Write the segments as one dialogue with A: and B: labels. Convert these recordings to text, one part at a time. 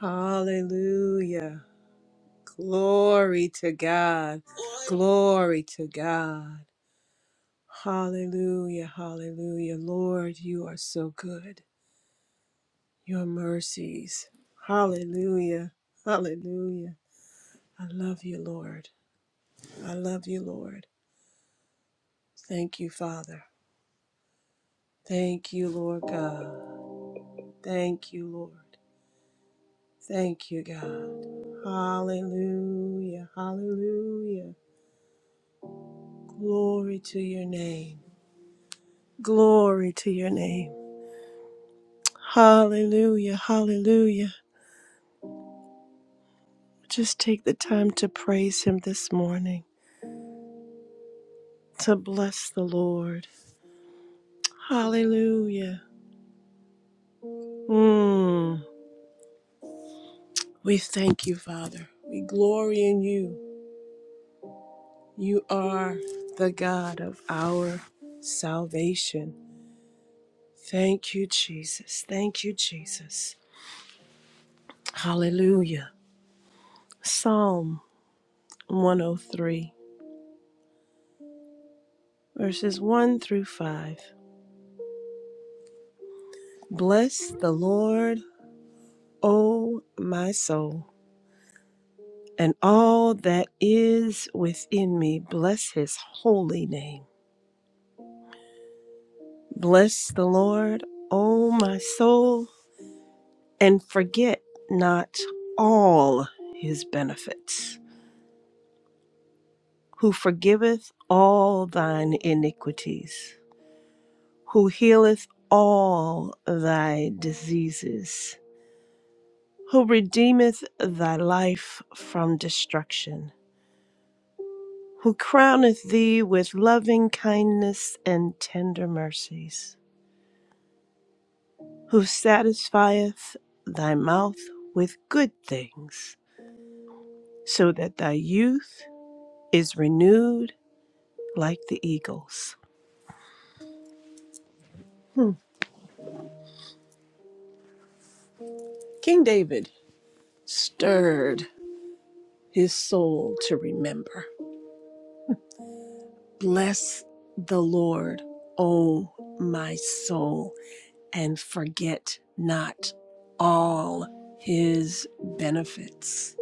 A: Hallelujah. Glory to God. Glory to God. Hallelujah. Hallelujah. Lord, you are so good. Your mercies. Hallelujah. Hallelujah. I love you, Lord. I love you, Lord. Thank you, Father. Thank you, Lord God. Thank you, Lord. Thank you, God. Hallelujah. Hallelujah. Glory to your name. Glory to your name. Hallelujah. Hallelujah. Just take the time to praise him this morning, to bless the Lord. Hallelujah. Mm. We thank you, Father. We glory in you. You are the God of our salvation. Thank you, Jesus. Thank you, Jesus. Hallelujah. Psalm 103, verses 1 through 5. Bless the Lord. O my soul, and all that is within me, bless his holy name. Bless the Lord, O my soul, and forget not all his benefits, who forgiveth all thine iniquities, who healeth all thy diseases, who redeemeth thy life from destruction who crowneth thee with loving kindness and tender mercies, who satisfieth thy mouth with good things, so that thy youth is renewed like the eagles. King David stirred his soul to remember. Bless the Lord, O my soul, and forget not all his benefits.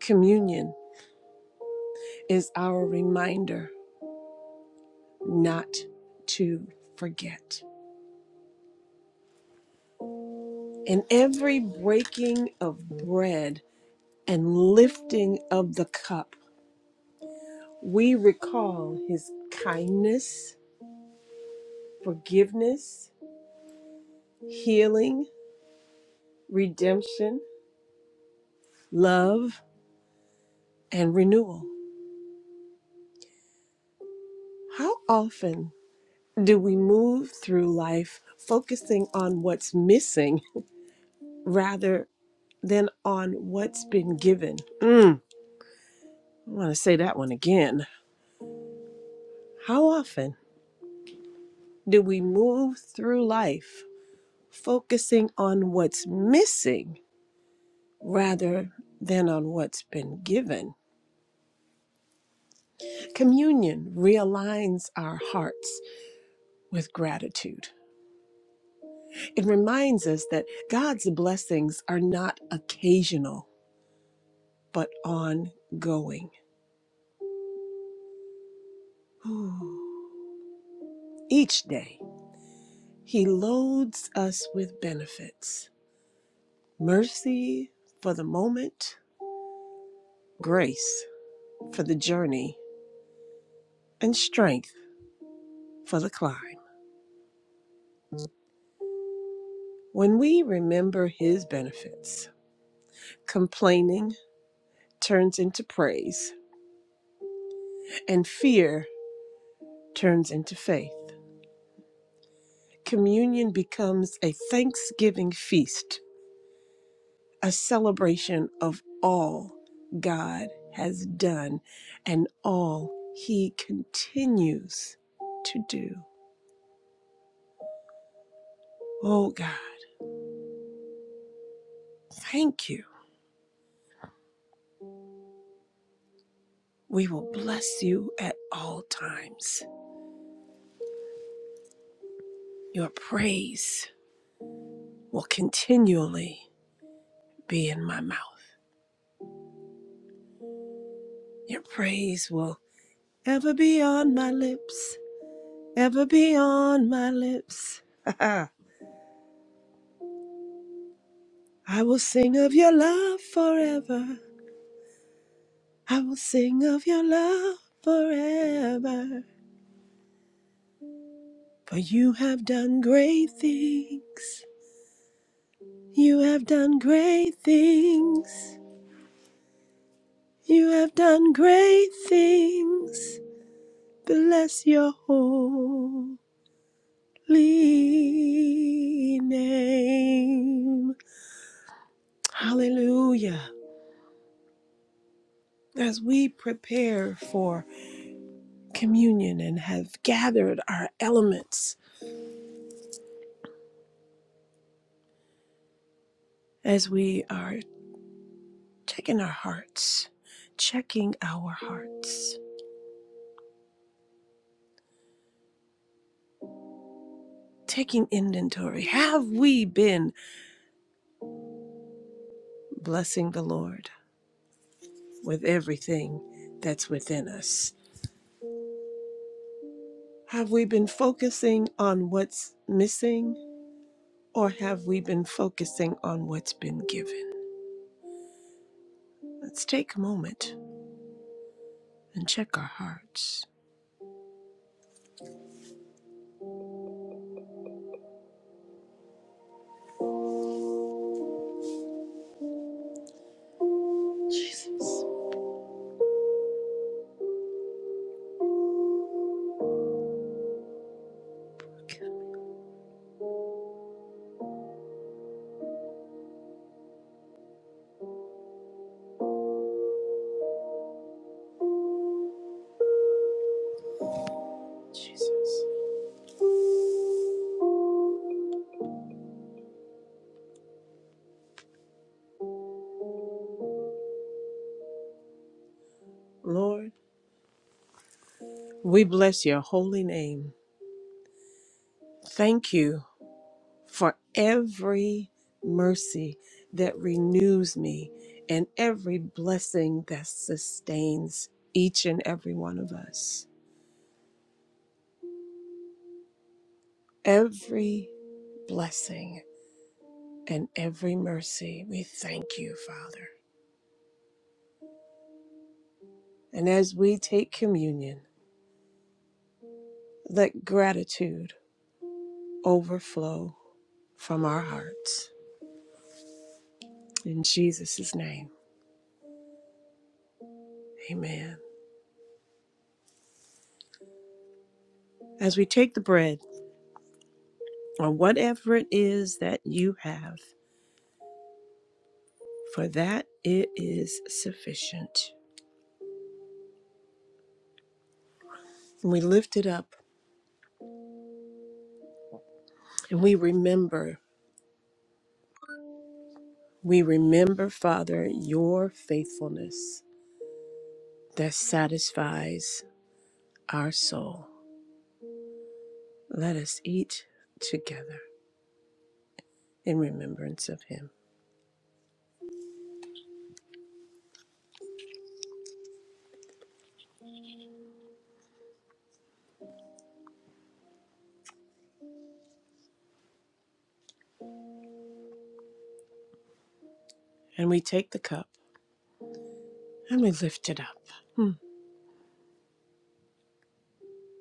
A: Communion is our reminder not to forget. In every breaking of bread and lifting of the cup, we recall his kindness, forgiveness, healing, redemption, love, and renewal. How often do we move through life focusing on what's missing rather than on what's been given? Mm, I want to say that one again How often do we move through life focusing on what's missing rather than on what's been given? Communion realigns our hearts with gratitude. It reminds us that God's blessings are not occasional, but ongoing. Ooh. Each day, He loads us with benefits mercy for the moment, grace for the journey, and strength for the climb. When we remember his benefits, complaining turns into praise, and fear turns into faith. Communion becomes a thanksgiving feast, a celebration of all God has done and all he continues to do. Oh God, thank you. We will bless you at all times. Your praise will continually be in my mouth. Your praise will ever be on my lips, ever be on my lips. I will sing of your love forever. I will sing of your love forever. For you have done great things. You have done great things. You have done great things. Bless your holy name. Hallelujah. As we prepare for communion and have gathered our elements, as we are checking our hearts, checking our hearts, taking inventory, have we been blessing the Lord with everything that's within us? Have we been focusing on what's missing or have we been focusing on what's been given? Let's take a moment and check our hearts. Jesus. Jesus. Lord, we bless your holy name. Thank you for every mercy that renews me and every blessing that sustains each and every one of us. Every blessing and every mercy, we thank you, Father. And as we take communion, let gratitude overflow from our hearts. In Jesus' name, amen. as we take the bread or whatever it is that you have, for that it is sufficient. And we lift it up and we remember, we remember, Father, your faithfulness that satisfies our soul. Let us eat together in remembrance of him. And we take the cup and we lift it up. Hmm.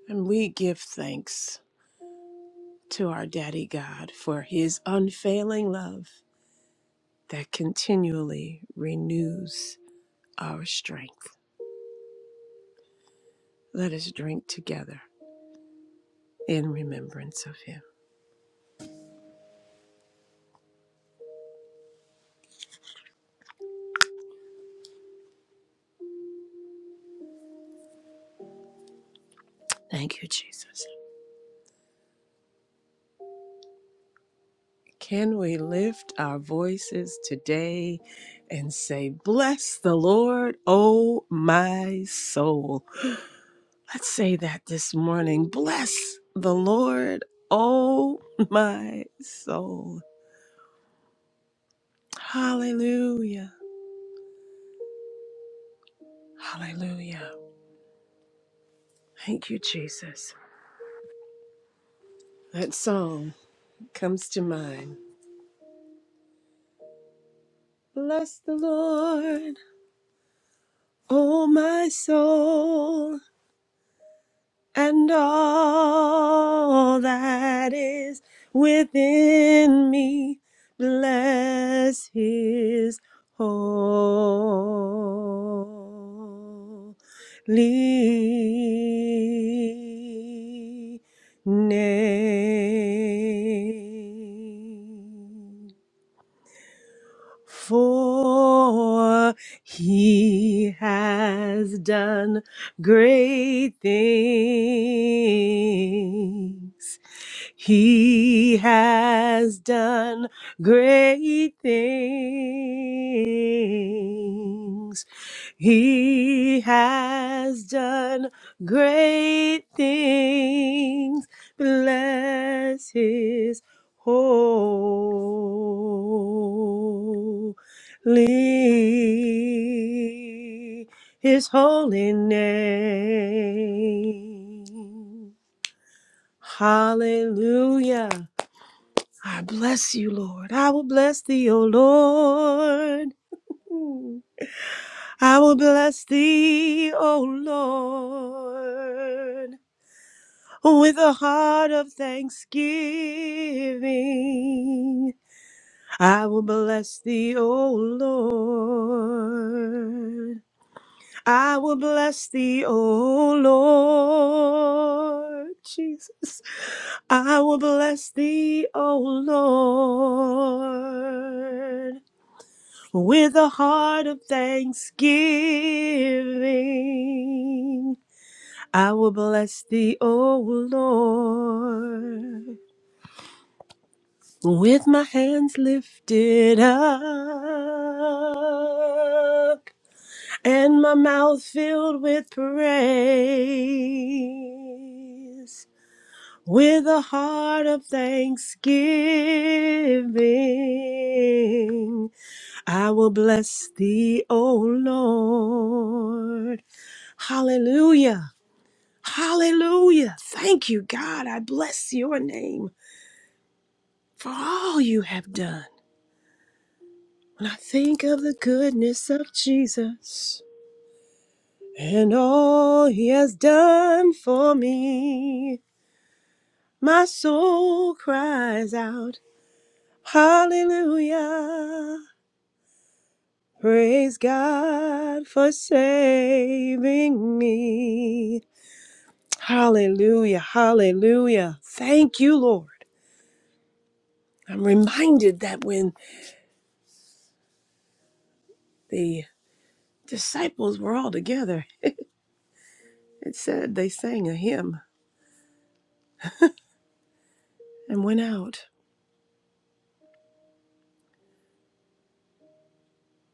A: And we give thanks to our Daddy God for his unfailing love that continually renews our strength. Let us drink together in remembrance of him. Thank you, Jesus. Can we lift our voices today and say, Bless the Lord, O my soul? Let's say that this morning. Bless the Lord, O my soul. Hallelujah. Hallelujah. Thank you, Jesus. That song comes to mind Bless the Lord, O my soul, and all that is within me. Bless his holy name. for he has done great things. He has done great things. He has done great things. Bless his Holy, His holy name. Hallelujah. I bless you, Lord. I will bless thee, O Lord. Mm. I will bless thee, O Lord, with a heart of thanksgiving I will bless thee, O Lord. I will bless thee, O Lord. Jesus. I will bless thee, O Lord, with a heart of thanksgiving. I will bless thee, O Lord. with my hands lifted up and my mouth filled with praise, with a heart of thanksgiving, I will bless thee, O Lord. Hallelujah. Hallelujah. Thank you, God. I bless your name for all you have done. When I think of the goodness of Jesus and all he has done for me, my soul cries out, Hallelujah! Praise God for saving me. Hallelujah, hallelujah. Thank you, Lord. I'm reminded that when the disciples were all together, it said they sang a hymn and went out.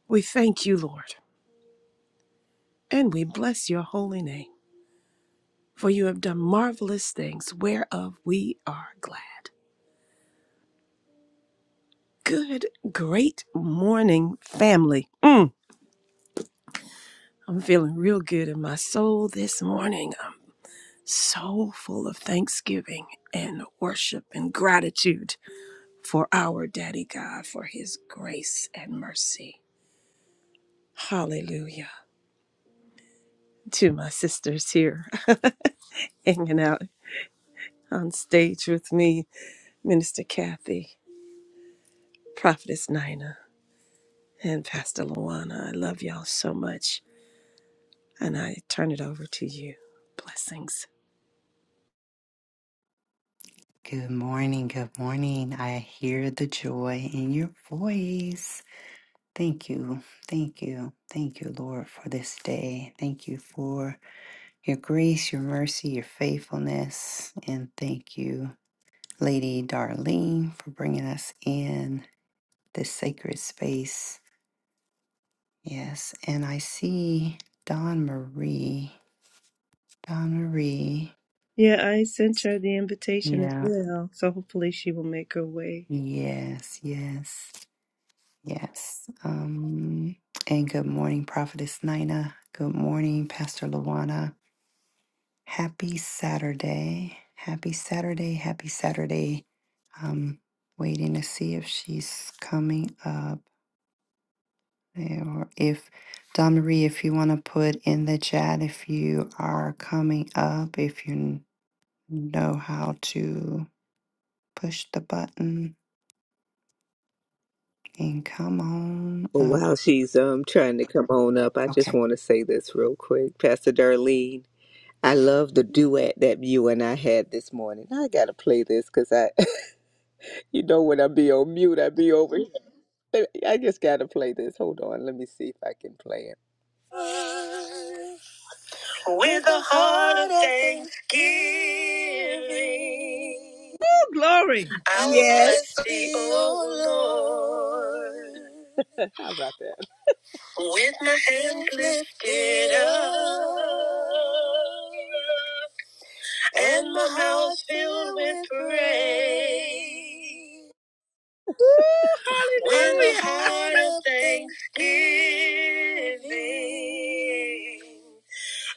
A: We thank you, Lord. And we bless your holy name, for you have done marvelous things, whereof we are glad. Good, great morning, family. Mm, I'm feeling real good in my soul this morning. I'm so full of thanksgiving and worship and gratitude for our Daddy God, for his grace and mercy. Hallelujah. To my sisters here hanging out on stage with me, Minister Kathy, Prophetess Nina. and Pastor Luana. I love y'all so much. And I turn it over to you. Blessings.
B: Good morning. Good morning. I hear the joy in your voice. Thank you. Thank you. Thank you, Lord, for this day. Thank you for your grace, your mercy, your faithfulness. And thank you, Lady Darlene, for bringing us in this sacred space. Yes. And I see Don Marie. Don Marie.
A: Yeah, I sent her the invitation as
B: Yeah.
A: well, so hopefully she will make her way.
B: Yes. Yes. Yes. Um, and good morning, Prophetess Nina. Good morning, Pastor Luana. Happy Saturday. Happy Saturday. Happy Saturday. Um, waiting to see if she's coming up. eh, Or if Don Marie, if you want to put in the chat if you are coming up, if you n- know how to push the button and come on
C: Well,
B: up.
C: while she's um trying to come on up, I
B: Okay.
C: just want to say this real quick, Pastor Darlene. I love the duet that you and I had this morning. I gotta play this because I, you know, when I be on mute, I be over. here. I just gotta play this. Hold on, let me see if I can play it. With a heart of thanksgiving,
A: Oh, glory!
C: I will bless thee, O Lord. How about that? With my hands lifted up and my house filled with praise,
A: Woo!
C: with a
A: Hallelujah!
C: heart of thanksgiving,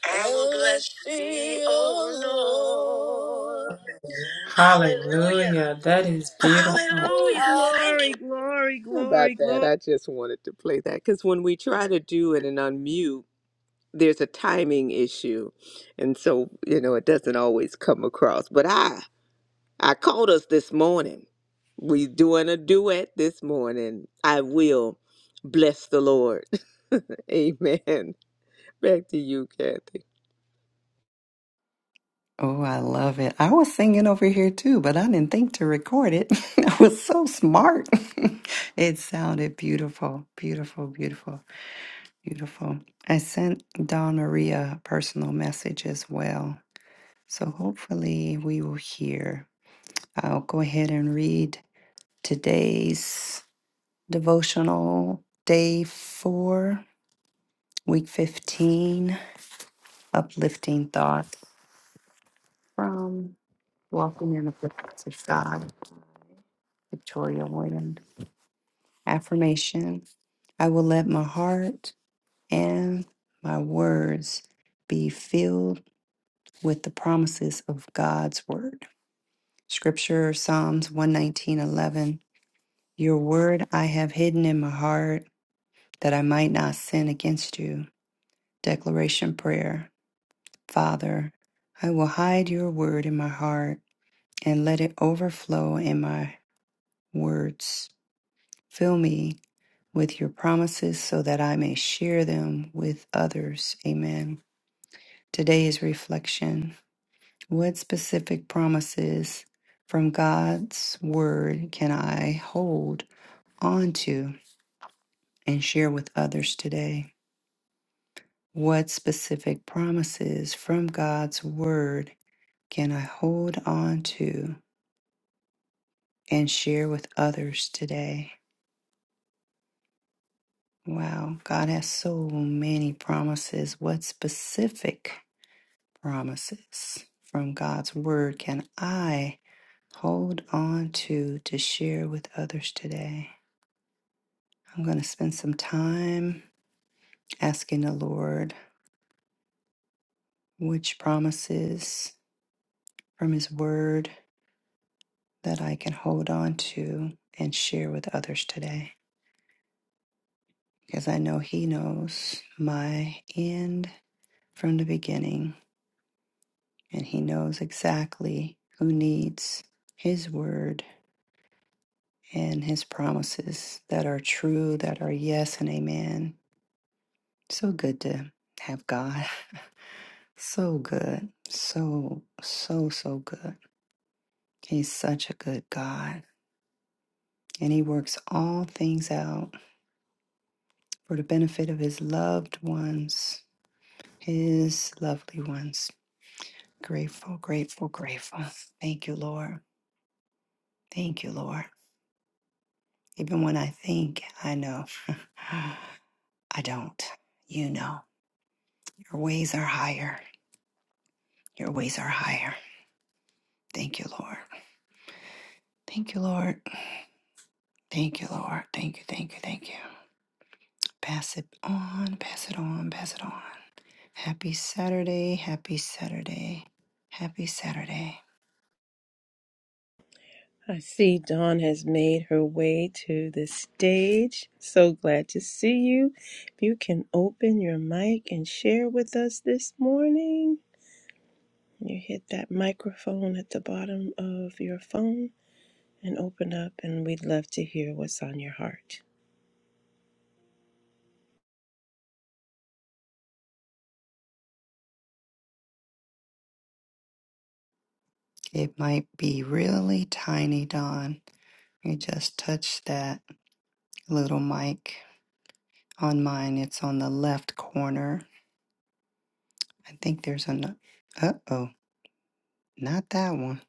C: I will bless thee, O Lord. Hallelujah!
D: Hallelujah. That is beautiful.
A: Oh,
C: Hallelujah! Thank you.
A: glory, glory,
C: How
A: glory,
C: About that,
A: glory!
C: I just wanted to play that because when we try to do it and unmute. there's a timing issue and so you know it doesn't always come across but i i called us this morning we doing a duet this morning i will bless the lord amen back to you kathy
B: Oh, I love it. I was singing over here too, but I didn't think to record it. I was so smart. it sounded beautiful, beautiful, beautiful, beautiful. I sent Don Maria a personal message as well. So hopefully we will hear. I'll go ahead and read today's devotional, day four, week 15, uplifting thoughts from Walking in the Presence of God, Victoria Williams. Affirmation I will let my heart and my words be filled with the promises of God's word. Scripture Psalms 119:11 Your word I have hidden in my heart that I might not sin against you. Declaration prayer. Father, I will hide your word in my heart and let it overflow in my words. Fill me with your promises so that I may share them with others. Amen. Today is reflection. What specific promises from God's word can I hold on to and share with others today? What specific promises from God's word can I hold on to and share with others today? Wow, God has so many promises. What specific promises from God's word can I hold on to to share with others today? I'm going to spend some time asking the Lord which promises from his word that I can hold on to and share with others today. Because I know he knows my end from the beginning and he knows exactly who needs his word and his promises that are true, that are yes and amen. So good to have God. So good. So, so, so good. He's such a good God. And he works all things out for the benefit of his loved ones, his lovely ones. Grateful, grateful, grateful. Thank you, Lord. Thank you, Lord. Even when I think I know, I don't. You know, your ways are higher. Your ways are higher. Thank you, Lord. Thank you, Lord. Thank you, Lord. Thank you, thank you, thank you. Pass it on, pass it on, pass it on. Happy Saturday, happy Saturday, happy Saturday.
A: I see Dawn has made her way to the stage. So glad to see you. If you can open your mic and share with us this morning, you hit that microphone at the bottom of your phone. and open up, and we'd love to hear what's on your heart.
B: It might be really tiny, Dawn. You just touch that little mic on mine. It's on the left corner. I think there's an. Uh oh, not that one.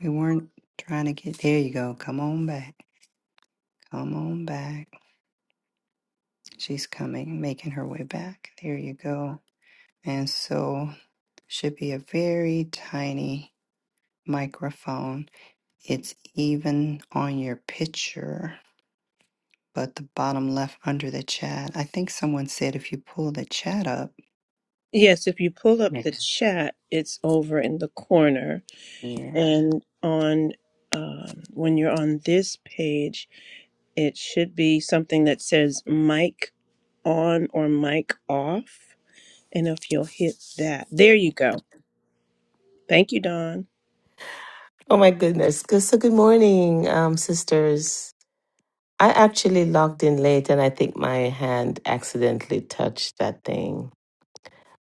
B: We weren't trying to get. There you go. Come on back. Come on back. She's coming, making her way back. There you go. And so should be a very tiny microphone. It's even on your picture, but the bottom left under the chat. I think someone said if you pull the chat up.
A: Yes, if you pull up
B: Yeah.
A: the chat, it's over in the corner,
B: Yeah.
A: and on um, when you're on this page, it should be something that says mic on or mic off, and if you'll hit that, there you go. Thank you, Don.
E: Oh my goodness. Good, so good morning, um, sisters. I actually logged in late and I think my hand accidentally touched that thing.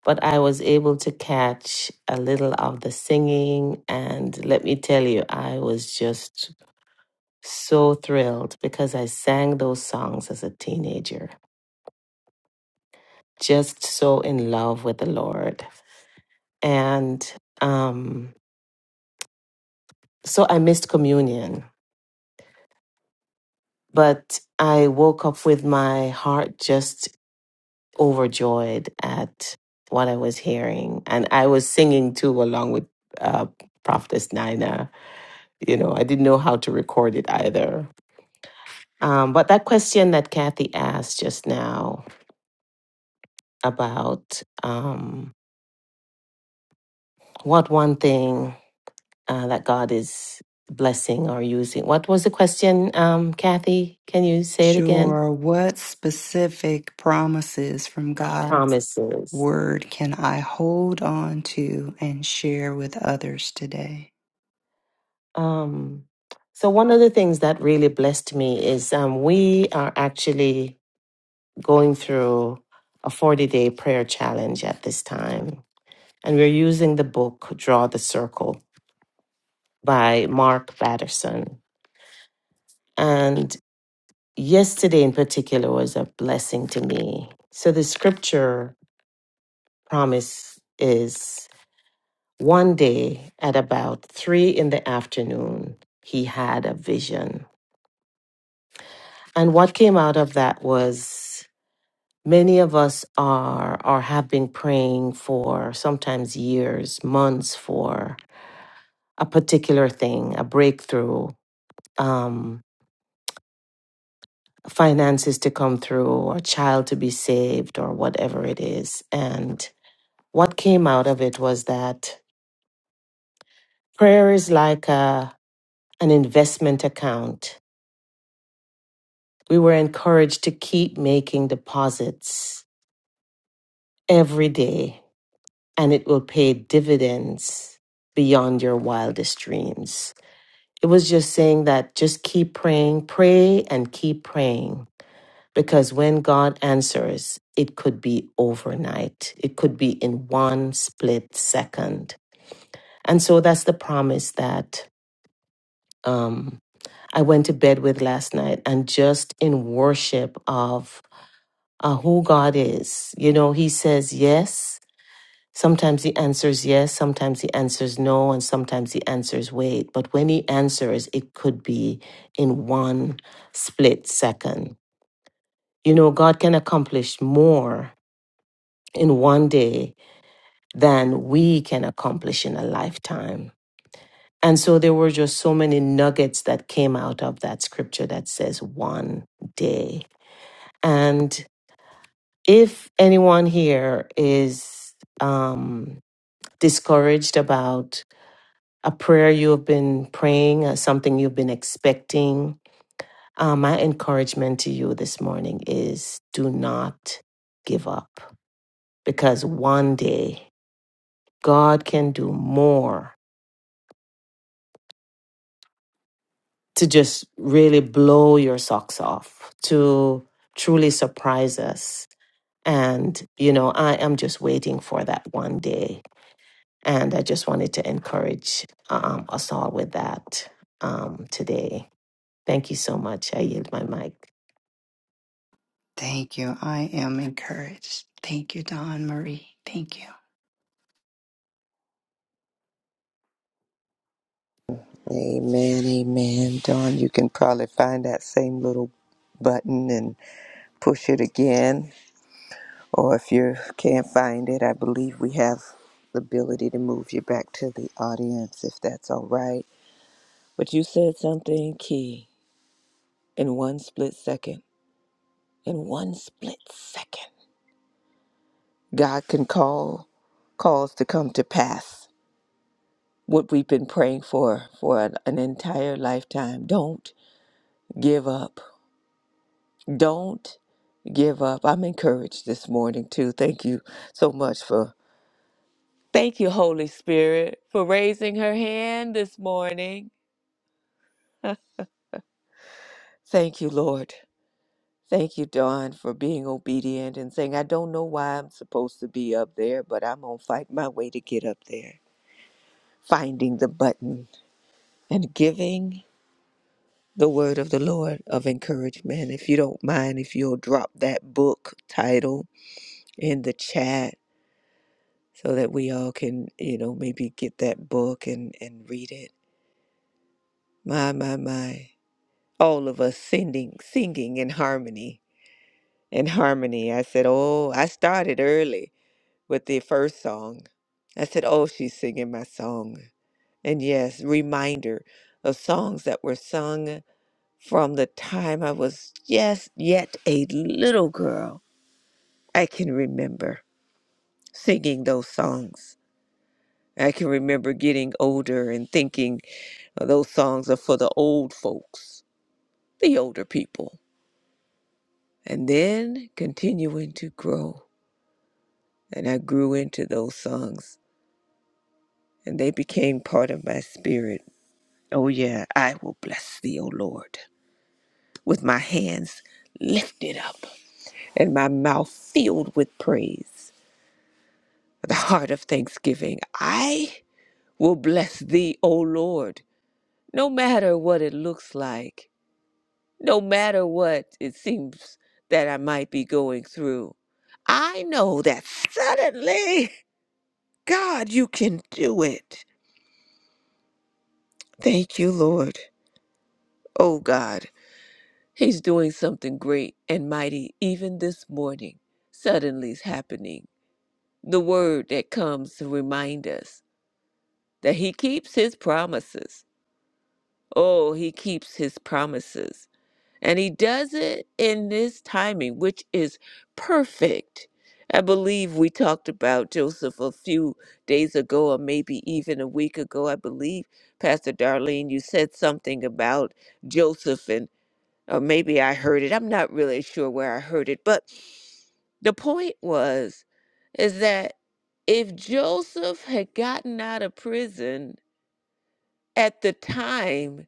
E: But I was able to catch a little of the singing. And let me tell you, I was just so thrilled because I sang those songs as a teenager, just so in love with the Lord. And um, so I missed communion but I woke up with my heart just overjoyed at what I was hearing. And I was singing too, along with uh, Prophetess Nina. You know, I didn't know how to record it either. Um, but that question that Kathy asked just now about um, what one thing uh, that God is blessing or using. What was the question, um, Kathy? Can you say it again?
B: Sure. What specific promises from God's
E: Promises.
B: word can I hold on to and share with others today?
E: Um, so, one of the things that really blessed me is um, we are actually going through a 40 day prayer challenge at this time. And we're using the book Draw the Circle by Mark Batterson. And yesterday in particular was a blessing to me. So the scripture promise is one day at about three in the afternoon, he had a vision. And what came out of that was Many of us are or have been praying for sometimes years, months for a particular thing, a breakthrough, um, finances to come through, or a child to be saved, or whatever it is. And what came out of it was that prayer is like a, an investment account. We were encouraged to keep making deposits every day, and it will pay dividends beyond your wildest dreams. it was just saying that just keep praying, pray and keep praying. Because when God answers, it could be overnight, it could be in one split second. And so that's the promise that um, I went to bed with last night and just in worship of uh, who God is. You know, He says yes, Sometimes the answer is yes, sometimes the answer is no, and sometimes the answer is wait. But when he answers, it could be in one split second. You know, God can accomplish more in one day than we can accomplish in a lifetime. And so there were just so many nuggets that came out of that scripture that says one day. And if anyone here is um, discouraged about a prayer you have been praying, uh, something you've been expecting. Uh, my encouragement to you this morning is do not give up because one day God can do more to just really blow your socks off, to truly surprise us. And, you know, I am just waiting for that one day. And I just wanted to encourage um, us all with that um, today. Thank you so much. I yield my mic.
B: Thank you. I am encouraged. Thank you, Don Marie. Thank you.
C: Amen, amen. Dawn, you can probably find that same little button and push it again. Or if you can't find it, I believe we have the ability to move you back to the audience if that's all right. But you said something key in one split second. In one split second, God can call calls to come to pass. What we've been praying for for an, an entire lifetime. Don't give up. Don't give up. I'm encouraged this morning too. Thank you so much for thank you, Holy Spirit, for raising her hand this morning. Thank you, Lord. Thank you, Dawn, for being obedient and saying, I don't know why I'm supposed to be up there, but I'm going to fight my way to get up there. Finding the button and giving the word of the Lord of encouragement. If you don't mind, if you'll drop that book title in the chat so that we all can, you know, maybe get that book and, and read it. My, my, my. All of us singing, singing in harmony. In harmony. I said, Oh, I started early with the first song. I said, Oh, she's singing my song. And yes, reminder of songs that were sung from the time I was just yet a little girl. I can remember singing those songs. I can remember getting older and thinking "Oh, those songs are for the old folks, the older people. And then continuing to grow. And I grew into those songs, and they became part of my spirit Oh, yeah, I will bless thee, O Lord, with my hands lifted up and my mouth filled with praise, the heart of thanksgiving. I will bless thee, O Lord, no matter what it looks like, no matter what it seems that I might be going through. I know that suddenly, God, you can do it. Thank you, Lord. Oh, God. He's doing something great and mighty even this morning. Suddenly's happening. The word that comes to remind us that he keeps his promises. Oh, he keeps his promises. And he does it in this timing, which is perfect. I believe we talked about Joseph a few days ago, or maybe even a week ago. I believe, Pastor Darlene, you said something about Joseph or maybe I heard it. I'm not really sure where I heard it, but the point was is that if Joseph had gotten out of prison at the time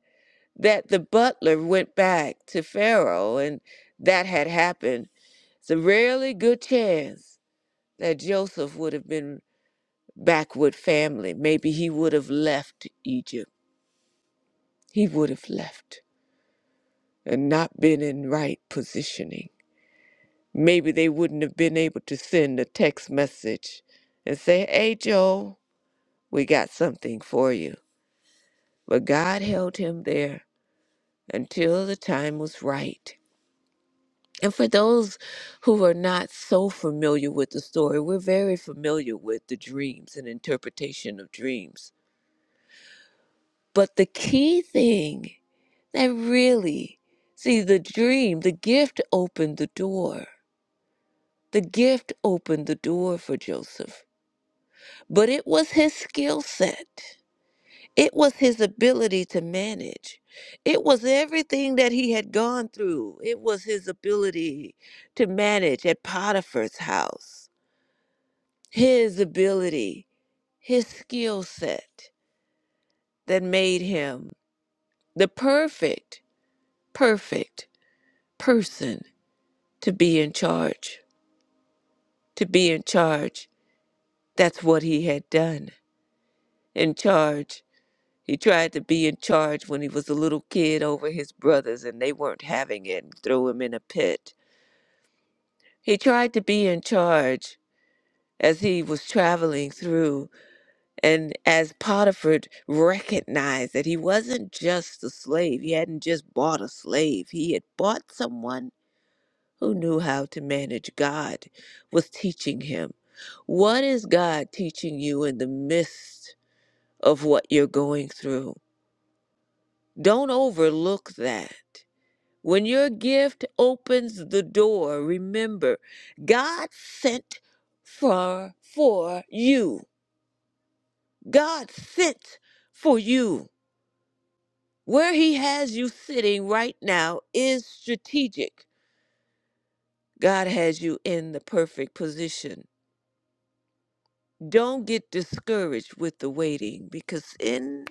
C: that the butler went back to Pharaoh and that had happened, it's a really good chance that Joseph would have been back with family. Maybe he would have left Egypt. He would have left and not been in right positioning. maybe they wouldn't have been able to send a text message and say, Hey, Joe, we got something for you. But God held him there until the time was right. And for those who are not so familiar with the story, we're very familiar with the dreams and interpretation of dreams. But the key thing that really, see, the dream, the gift opened the door. The gift opened the door for Joseph but it was his skill set. It was his ability to manage. It was everything that he had gone through. It was his ability to manage at Potiphar's house. His ability, his skill set that made him the perfect, perfect person to be in charge. To be in charge, that's what he had done. In charge He tried to be in charge when he was a little kid over his brothers and they weren't having it and threw him in a pit. He tried to be in charge as he was traveling through and as Potiphar recognized that he wasn't just a slave. He hadn't just bought a slave. He had bought someone who knew how to manage God, was teaching him. What is God teaching you in the midst of what you're going through? Don't overlook that. When your gift opens the door, remember, God sent for for you. God sent for you. Where he has you sitting right now is strategic. God has you in the perfect position. Don't get discouraged with the waiting because in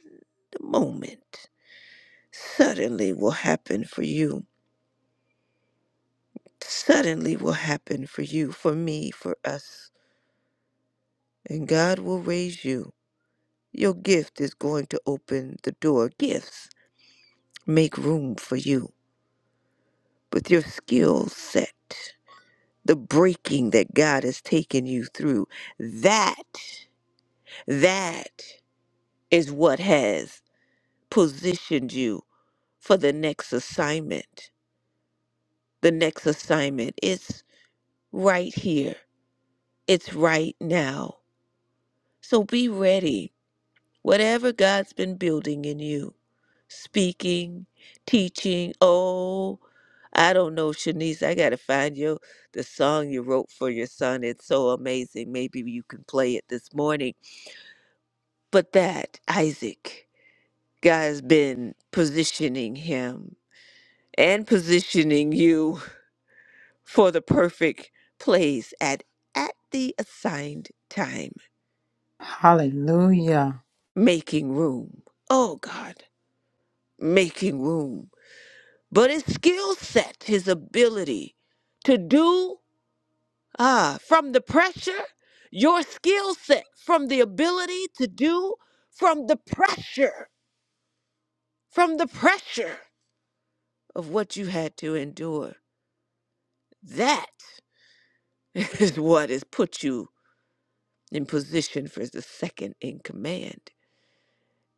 C: the moment, suddenly will happen for you. Suddenly will happen for you, for me, for us. And God will raise you Your gift is going to open the door. Gifts make room for you with your skill set. The breaking that God has taken you through, that, that is what has positioned you for the next assignment. The next assignment is right here, it's right now. So be ready Whatever God's been building in you, speaking, teaching, oh, I don't know, Shanice, I gotta find you the song you wrote for your son. It's so amazing. Maybe you can play it this morning. But that, Isaac, God has been positioning him and positioning you for the perfect place at at the assigned time.
D: Hallelujah.
C: Making room. Oh God, making room. But his skill set, his ability to do ah, from the pressure, your skill set from the ability to do from the pressure, from the pressure of what you had to endure. That is what has put you in position for the second in command.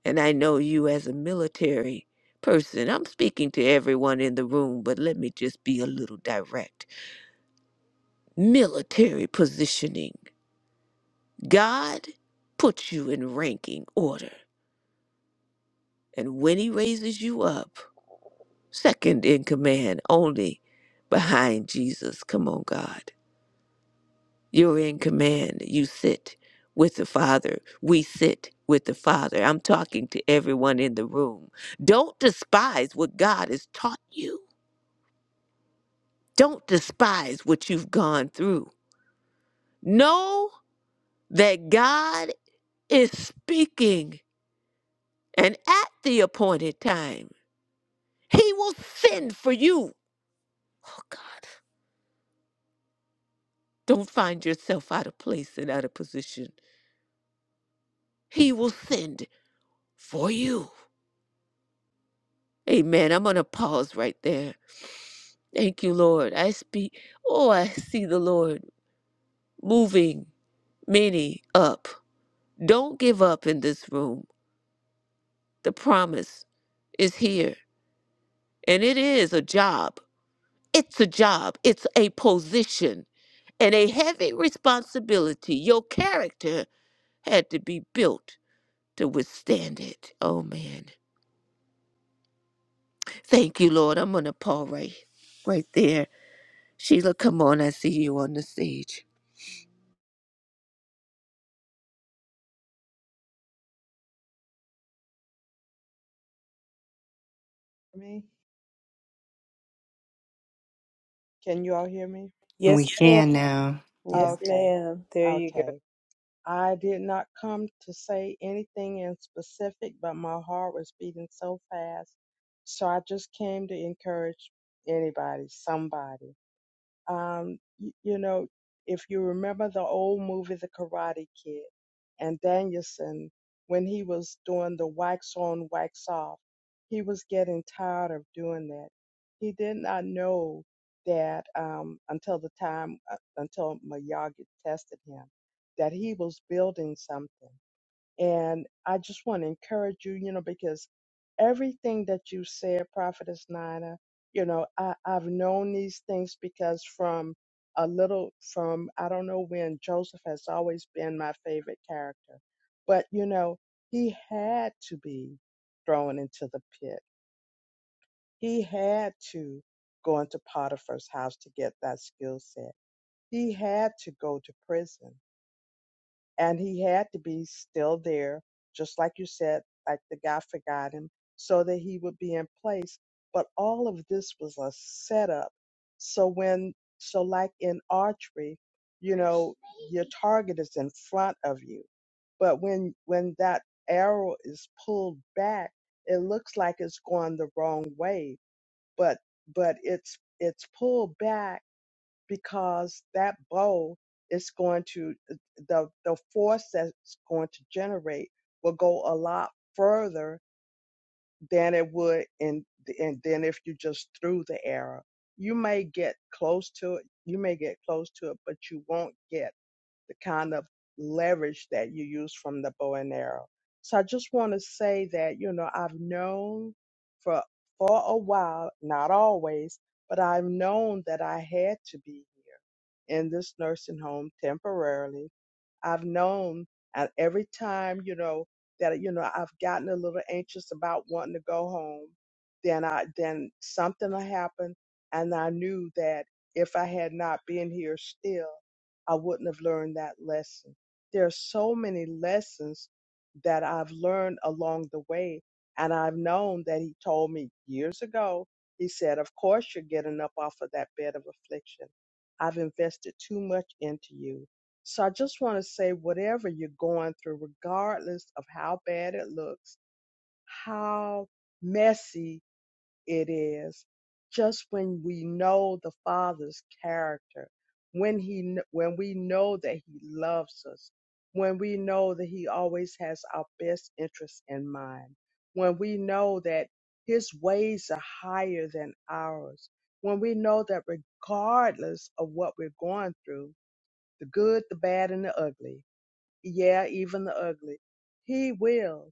C: And I know you as a military person, I'm speaking to everyone in the room, but let me just be a little direct. Military positioning. God puts you in ranking order, and when He raises you up, second in command only behind Jesus. Come on, God. You're in command. You sit with the Father. We sit with the Father. I'm talking to everyone in the room. Don't despise what God has taught you, don't despise what you've gone through. Know that God is speaking, and at the appointed time. He will send for you. Oh God, don't find yourself out of place and out of position. He will send for you. Amen. I'm going to pause right there. Thank you, Lord. I speak. Oh, I see the Lord moving many up. Don't give up in this room. The promise is here, and it is a job. It's a job, it's a position and a heavy responsibility. Your character had to be built to withstand it. Oh man. Thank you, Lord. I'm gonna pause right right there. Sheila, come on, I see you on the stage.
F: me? Can you all hear me?
A: Yes,
B: We
A: ma'am.
B: can now. Yeah.
A: Yes,
F: Okay.
A: ma'am. There you go.
F: Okay. I did not come to say anything in specific, but my heart was beating so fast. So I just came to encourage anybody, somebody. Um, you, you know, if you remember the old movie The Karate Kid and Danielson, when he was doing the wax on, wax off, he was getting tired of doing that. He did not know that um, until the time, uh, until Miyagi tested him, that he was building something. And I just want to encourage you, you know, because everything that you said, Prophetess Nina, you know, I, I've known these things because from a little, from I don't know when, Joseph has always been my favorite character. But, you know, he had to be thrown into the pit, he had to go into Potiphar's house to get that skill set, he had to go to prison and he had to be still there, just like you said, like the guy forgot him, so that he would be in place. But all of this was a setup. So when, so like in archery, you know, your target is in front of you, but when when that arrow is pulled back, it looks like it's going the wrong way, but but it's it's pulled back because that bowl is going to the the force that's going to generate will go a lot further than it would in and then if you just threw the arrow you may get close to it you may get close to it but you won't get the kind of leverage that you use from the bow and arrow. So I just want to say that, you know, I've known for for a while, not always, but I've known that I had to be here in this nursing home temporarily I've known at every time, you know, that uh, you know I've gotten a little anxious about wanting to go home, then I then something will happen, and I knew that if I had not been here still, I wouldn't have learned that lesson. There are so many lessons that I've learned along the way, and I've known that He told me years ago. He said, "Of course you're getting up off of that bed of affliction. I've invested too much into you." So I just want to say, whatever you're going through, regardless of how bad it looks, how messy it is, just when we know the Father's character, when he, kn- when we know that He loves us, when we know that He always has our best interests in mind, when we know that His ways are higher than ours, when we know that regardless of what we're going through, the good, the bad, and the ugly yeah, even the ugly. He will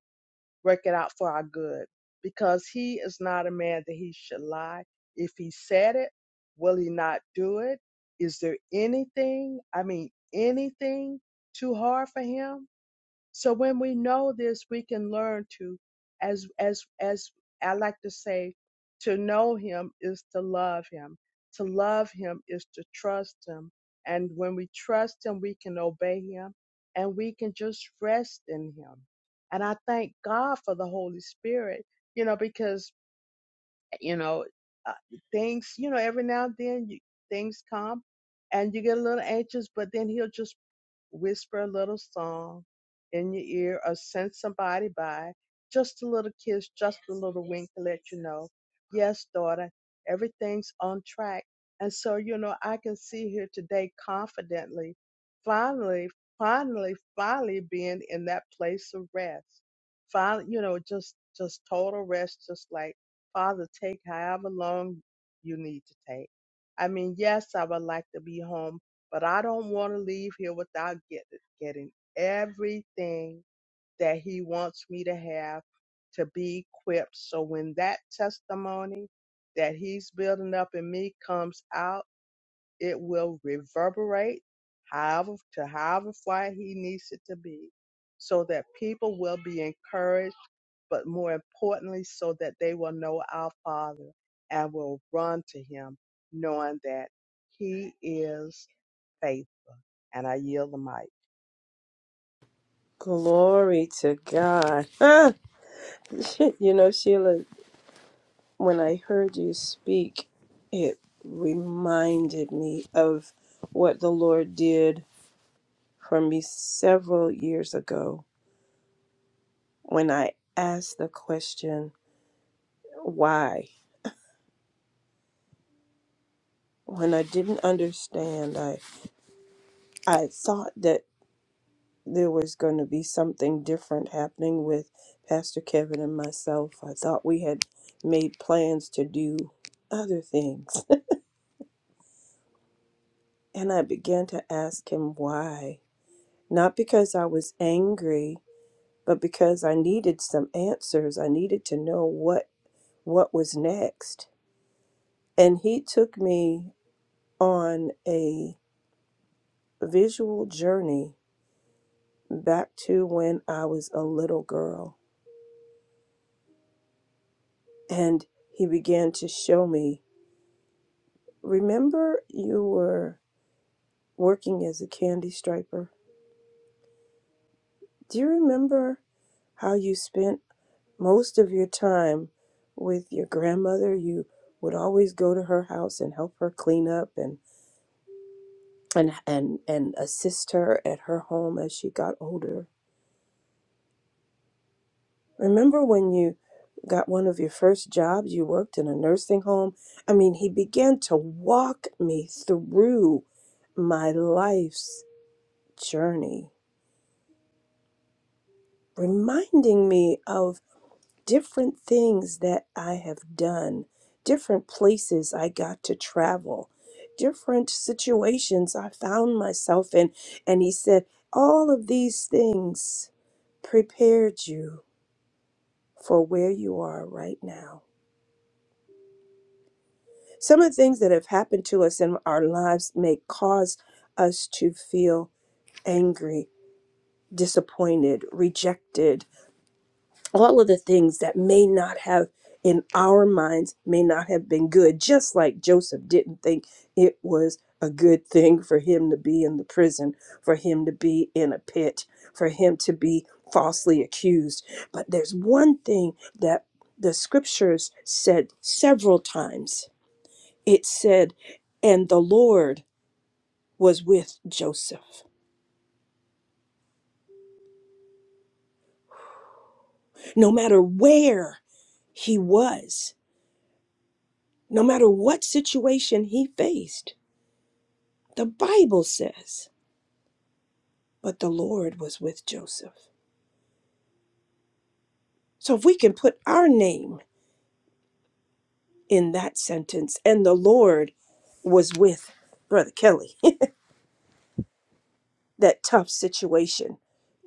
F: work it out for our good because he is not a man that he should lie. If he said it, will he not do it? Is there anything, I mean, anything too hard for him? So when we know this, we can learn to, as as as I like to say, to know Him is to love Him. To love Him is to trust Him. And when we trust Him, we can obey Him, and we can just rest in Him. And I thank God for the Holy Spirit, you know, because you know uh, things, you know, every now and then you, things come, and you get a little anxious, but then He'll just whisper a little song in your ear or send somebody by. Just a little kiss, just a little wink to let you know, yes, daughter, everything's on track. And so, you know, I can see here today confidently, finally, finally, finally being in that place of rest. Finally, you know, just, just total rest, just like, Father, take however long you need to take. I mean, yes, I would like to be home but I don't want to leave here without get, getting everything that He wants me to have to be equipped. So when that testimony that He's building up in me comes out, it will reverberate however to however far He needs it to be, so that people will be encouraged, but more importantly, so that they will know our Father and will run to Him, knowing that He is faithful. And I yield the mic.
A: Glory to God. you know, Sheila. when I heard you speak, it reminded me of what the Lord did for me several years ago when I asked the question, why? When I didn't understand, I, I thought that there was going to be something different happening with Pastor Kevin and myself. I thought we had made plans to do other things. and I began to ask him why. Not because I was angry, but because I needed some answers, I needed to know what what was next. And he took me on a visual journey back to when I was a little girl. And he began to show me, remember you were working as a candy striper? Do you remember how you spent most of your time with your grandmother? You would always go to her house and help her clean up and and and and assist her at her home as she got older. Remember when you got one of your first jobs, you worked in a nursing home? I mean, he began to walk me through my life's journey, reminding me of different things that I have done, different places I got to travel, different situations I found myself in, and he said all of these things prepared you for where you are right now. Some of the things that have happened to us in our lives may cause us to feel angry, disappointed, rejected, all of the things that may not have in our minds may not have been good just like joseph didn't think it was a good thing for him to be in the prison for him to be in a pit for him to be falsely accused but there's one thing that the scriptures said several times it said and the lord was with joseph no matter where he was no matter what situation he faced The Bible says, but the Lord was with Joseph. So if we can put our name in that sentence, and the Lord was with Brother Kelly, that tough situation,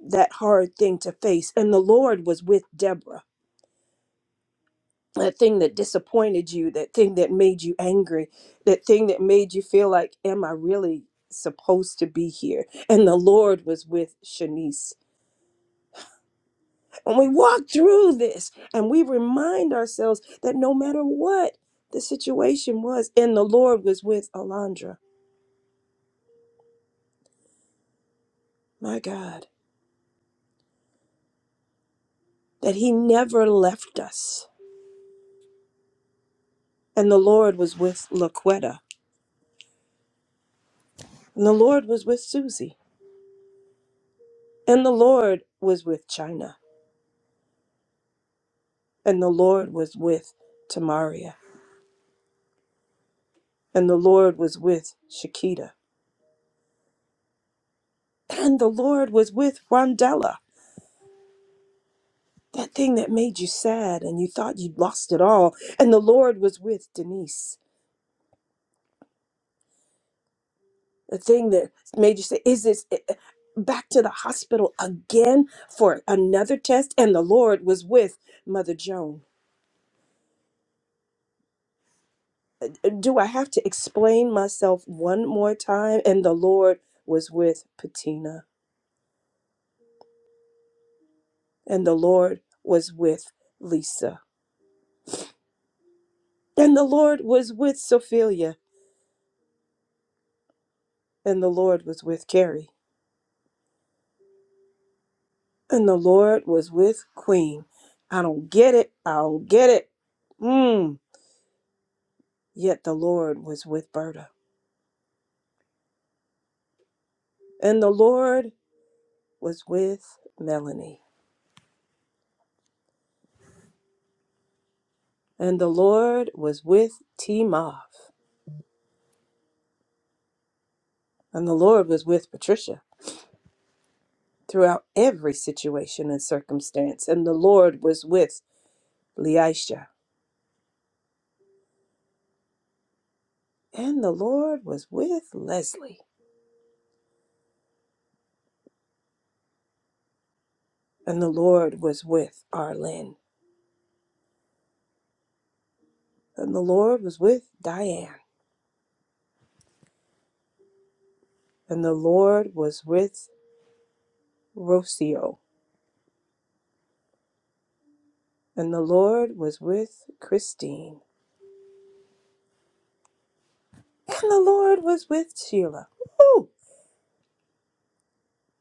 A: that hard thing to face, and the Lord was with Deborah. That thing that disappointed you, that thing that made you angry, that thing that made you feel like, am I really supposed to be here? And the Lord was with Shanice When we walk through this and we remind ourselves that no matter what the situation was, and the Lord was with Alondra, my God, that He never left us. And the Lord was with Laquetta, and the Lord was with Susie, and the Lord was with China, and the Lord was with Tamaria, and the Lord was with Shakita, and the Lord was with Rondella, that thing that made you sad and you thought you'd lost it all, and the Lord was with Denise the thing that made you say, Is this eh, eh, back to the hospital again for another test? And the Lord was with Mother Joan. Do I have to explain myself one more time? And the Lord was with Patina, and the Lord was with Lisa, and the Lord was with Sophia, and the Lord was with Carrie, and the Lord was with Queen. I don't get it. I don't get it. Mm. Yet the Lord was with Berta. And the Lord was with Melanie, and the Lord was with T. Mav, and the Lord was with Patricia throughout every situation and circumstance, and the Lord was with Leisha, and the Lord was with Leslie, and the Lord was with Arlen, and the Lord was with Diane, and the Lord was with Rocio, and the Lord was with Christine, and the Lord was with Sheila. Woo!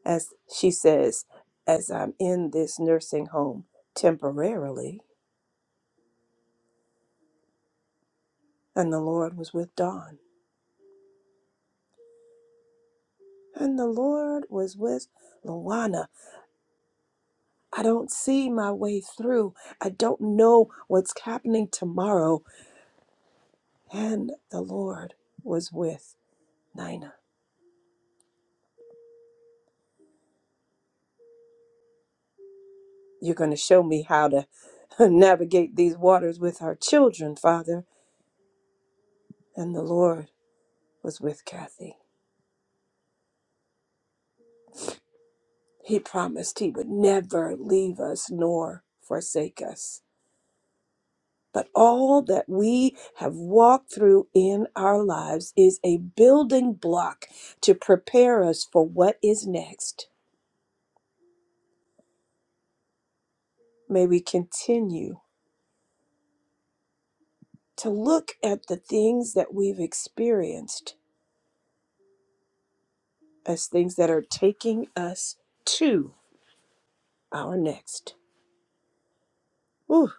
A: as she says, as I'm in this nursing home temporarily. And the Lord was with Dawn. And the Lord was with Luana. I don't see my way through. I don't know what's happening tomorrow. And the Lord was with Nina. You're going to show me how to navigate these waters with our children, Father. And the Lord was with Kathy. He promised he would never leave us nor forsake us. But all that we have walked through in our lives is a building block to prepare us for what is next. May we continue to look at the things that we've experienced as things that are taking us to our next. Whew.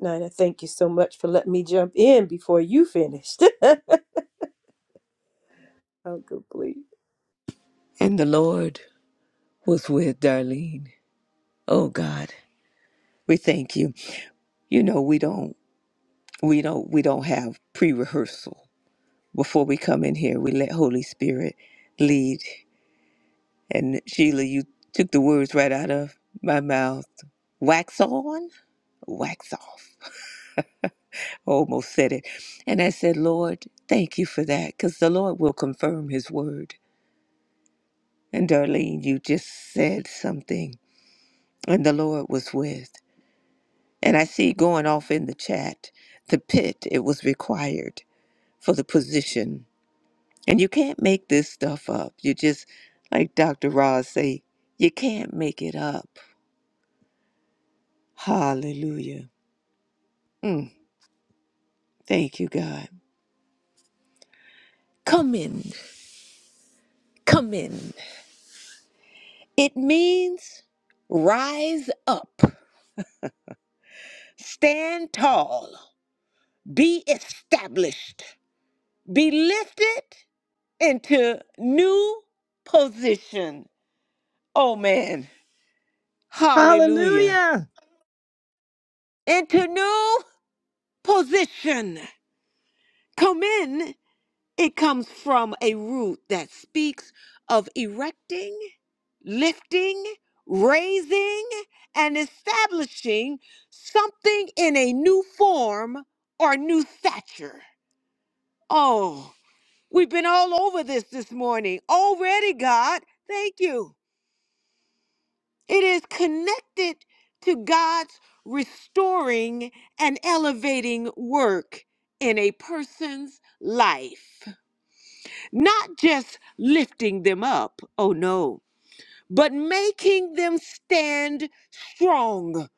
A: Nina, thank you so much for letting me jump in before you finished. oh, good please.
C: And the Lord was with Darlene. Oh God, we thank you. You know we don't we don't we don't have pre-rehearsal. Before we come in here, we let Holy Spirit lead And Sheila, you took the words right out of my mouth. Wax on, wax off. Almost said it. And I said, Lord, thank you for that, because the Lord will confirm his word. And Darlene, you just said something, and the Lord was with. And I see going off in the chat, the pit, it was required for the position. And you can't make this stuff up. You just, like Dr. Ross say, you can't make it up. Hallelujah. Mm, thank you, God. Come in, come in. It means rise up, stand tall, be established, be lifted into new position. Oh, man. Hallelujah.
A: Hallelujah.
C: Into new position. Come in It comes from a root that speaks of erecting, lifting, raising, and establishing something in a new form or new stature. Oh, we've been all over this this morning. Already, God, thank you. It is connected to God's restoring and elevating work in a person's life. not just lifting them up, oh no, but making them stand strong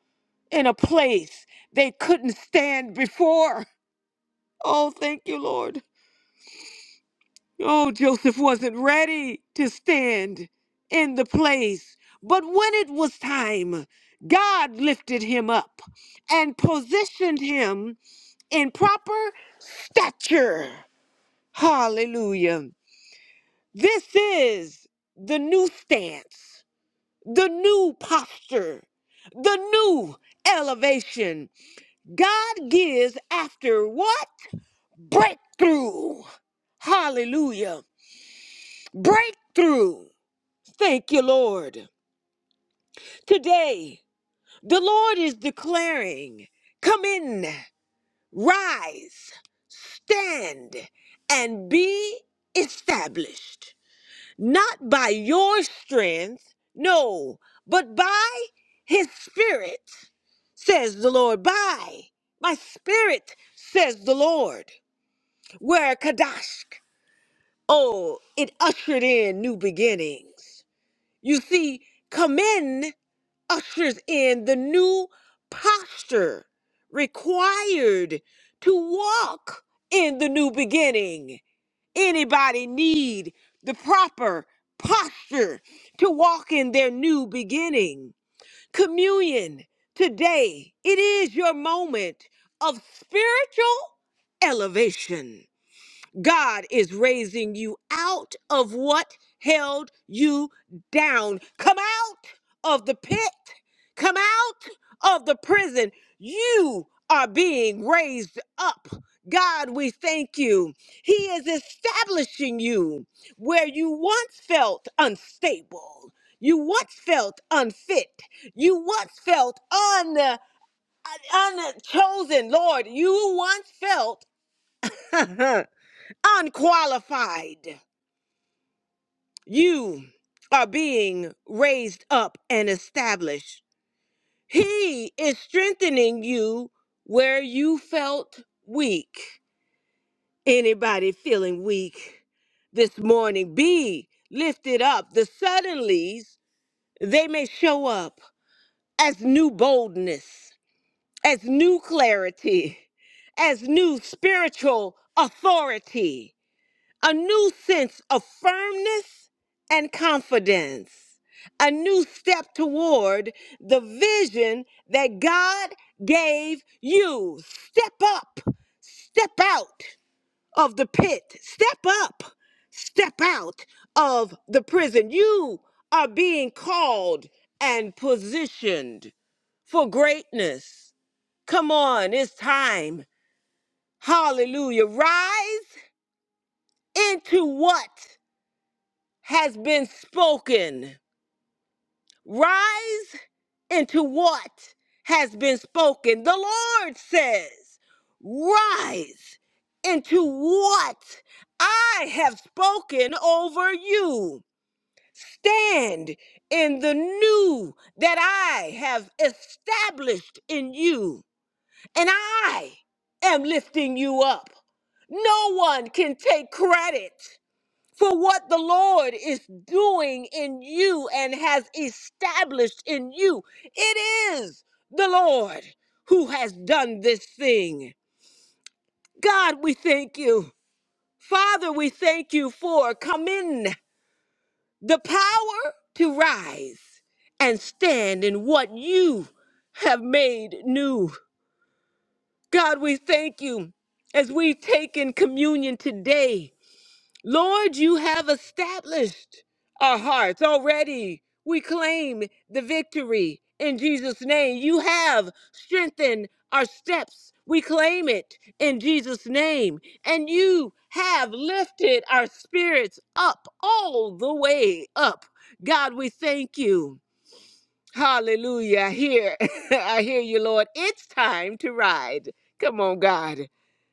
C: in a place they couldn't stand before. Oh, thank you, Lord. Oh, Joseph wasn't ready to stand in the place, but when it was time, God lifted him up and positioned him in proper stature. Hallelujah. This is the new stance the new posture, the new elevation. God gives after what? Breakthrough. Hallelujah. Breakthrough. Thank you, Lord. Today, the Lord is declaring come in, rise, stand, and be established. Not by your strength, no, but by his spirit. says the Lord. By my spirit, says the Lord. Where Kadash, oh, it ushered in new beginnings. You see, come in ushers in the new posture required to walk in the new beginning. Anybody need the proper posture to walk in their new beginning? Communion today, it is your moment of spiritual elevation. God is raising you out of what held you down. Come out of the pit. Come out of the prison. You are being raised up. God, we thank you. He is establishing you where you once felt unstable. You once felt unfit. You once felt un, unchosen. Lord, you once felt unqualified. You are being raised up and established. He is strengthening you where you felt weak. Anybody feeling weak this morning, be lifted up. The suddenlies, they may show up as new boldness, as new clarity, as new spiritual authority a new sense of firmness and confidence, a new step toward the vision that God gave you. Step up, step out of the pit, step up, step out of the prison. You are being called and positioned for greatness. Come on, it's time. Hallelujah. Rise into what? has been spoken. Rise into what has been spoken. The Lord says, Rise into what I have spoken over you. Stand in the new that I have established in you, and I am lifting you up. No one can take credit for what the Lord is doing in you and has established in you. It is the Lord who has done this thing. God, we thank you. Father, we thank you for coming the power to rise and stand in what you have made new. God, we thank you as we take in communion today. Lord, you have established our hearts already. We claim the victory in Jesus' name. You have strengthened our steps. We claim it in Jesus' name. And you have lifted our spirits up, all the way up. God, we thank you. Hallelujah. I hear, I hear you, Lord. It's time to ride. Come on, God.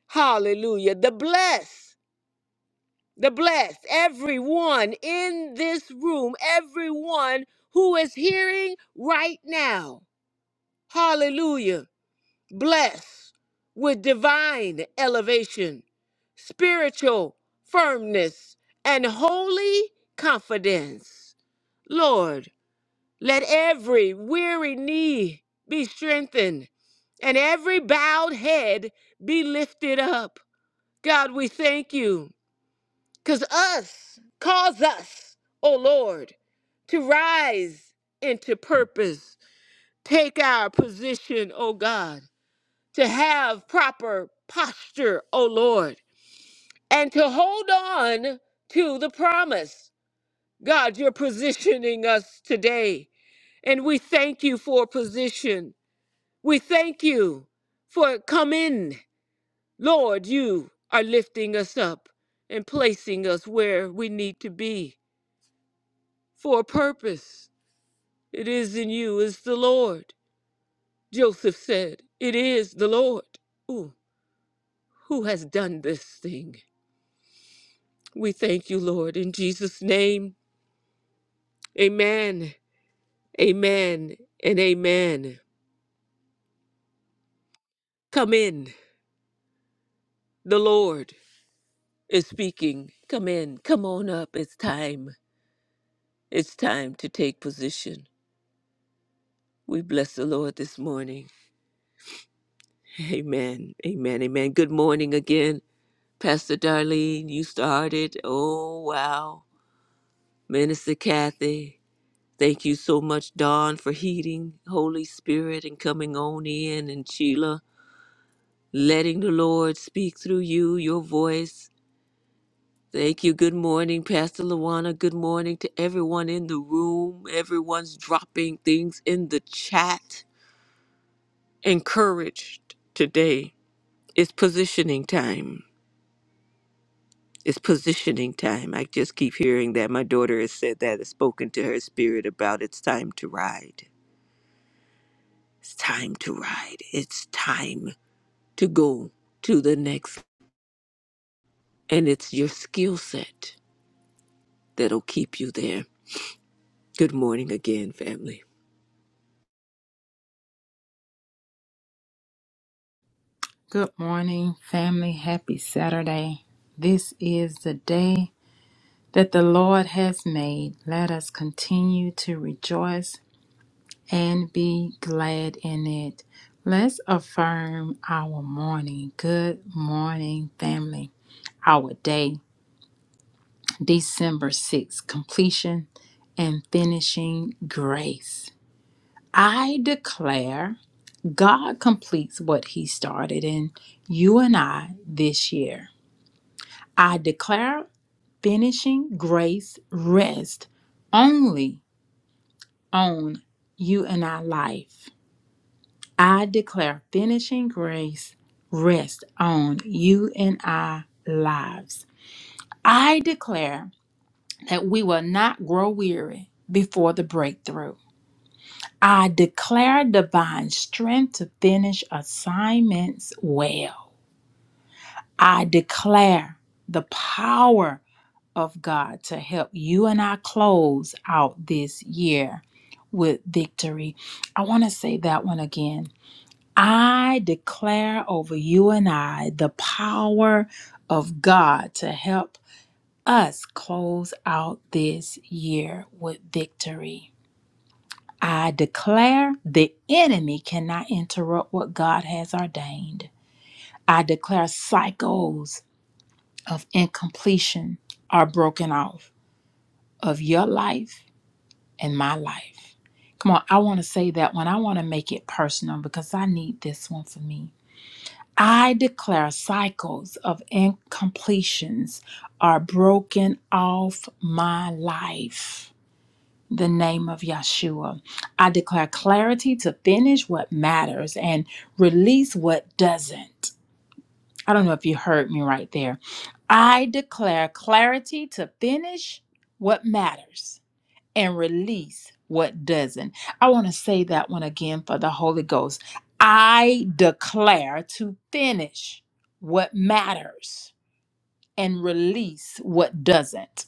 C: Hallelujah. The bless the blessed, everyone in this room, everyone who is hearing right now. Hallelujah. Blessed with divine elevation, spiritual firmness, and holy confidence. Lord, let every weary knee be strengthened and every bowed head be lifted up. God, we thank you. Cause us, cause us, O Lord, to rise into purpose, take our position, O God, to have proper posture, O Lord, and to hold on to the promise. God, you're positioning us today, and we thank you for position. We thank you for come in. Lord, you are lifting us up and placing us where we need to be. for a purpose. It is in you, is the Lord. Joseph said, It is the Lord. Ooh, who has done this thing? We thank you, Lord, in Jesus' name. Amen, amen, and amen. Come in. The Lord is speaking. Come in. Come on up. It's time. It's time to take position. We bless the Lord this morning. Amen, amen, amen. Good morning again. Pastor Darlene, you started. Oh, wow. Minister Kathy, thank you so much, Dawn, for heeding Holy Spirit and coming on in. And Sheila, letting the Lord speak through you, your voice. Thank you. Good morning, Pastor Luana. Good morning to everyone in the room. Everyone's dropping things in the chat. Encouraged today. It's positioning time. It's positioning time. I just keep hearing that. My daughter has said that, has spoken to her spirit about it's time to ride. It's time to ride. It's time to go to the next. And it's your skill set that'll keep you there. Good morning again, family.
D: Good morning, family. Happy Saturday. This is the day that the Lord has made. Let us continue to rejoice and be glad in it. Let's affirm our morning. Good morning, family. Our day, December 6th, completion and finishing grace. I declare. God completes what He started in you and I this year. I declare finishing grace rest only on you and I life. I declare finishing grace rest on you and I lives. I declare that we will not grow weary before the breakthrough. I declare divine strength to finish assignments well. I declare the power of God to help you and I close out this year with victory. I want to say that one again. I declare over you and I the power of God to help us close out this year with victory. I declare the enemy cannot interrupt what God has ordained. I declare cycles of incompletion are broken off of your life and my life. Come on, I want to say that one. I want to make it personal because I need this one for me. I declare cycles of incompletions are broken off my life. The name of Yeshua. I declare clarity to finish what matters and release what doesn't. I don't know if you heard me right there. I declare clarity to finish what matters and release what doesn't. I want to say that one again for the Holy Ghost. I declare to finish what matters and release what doesn't.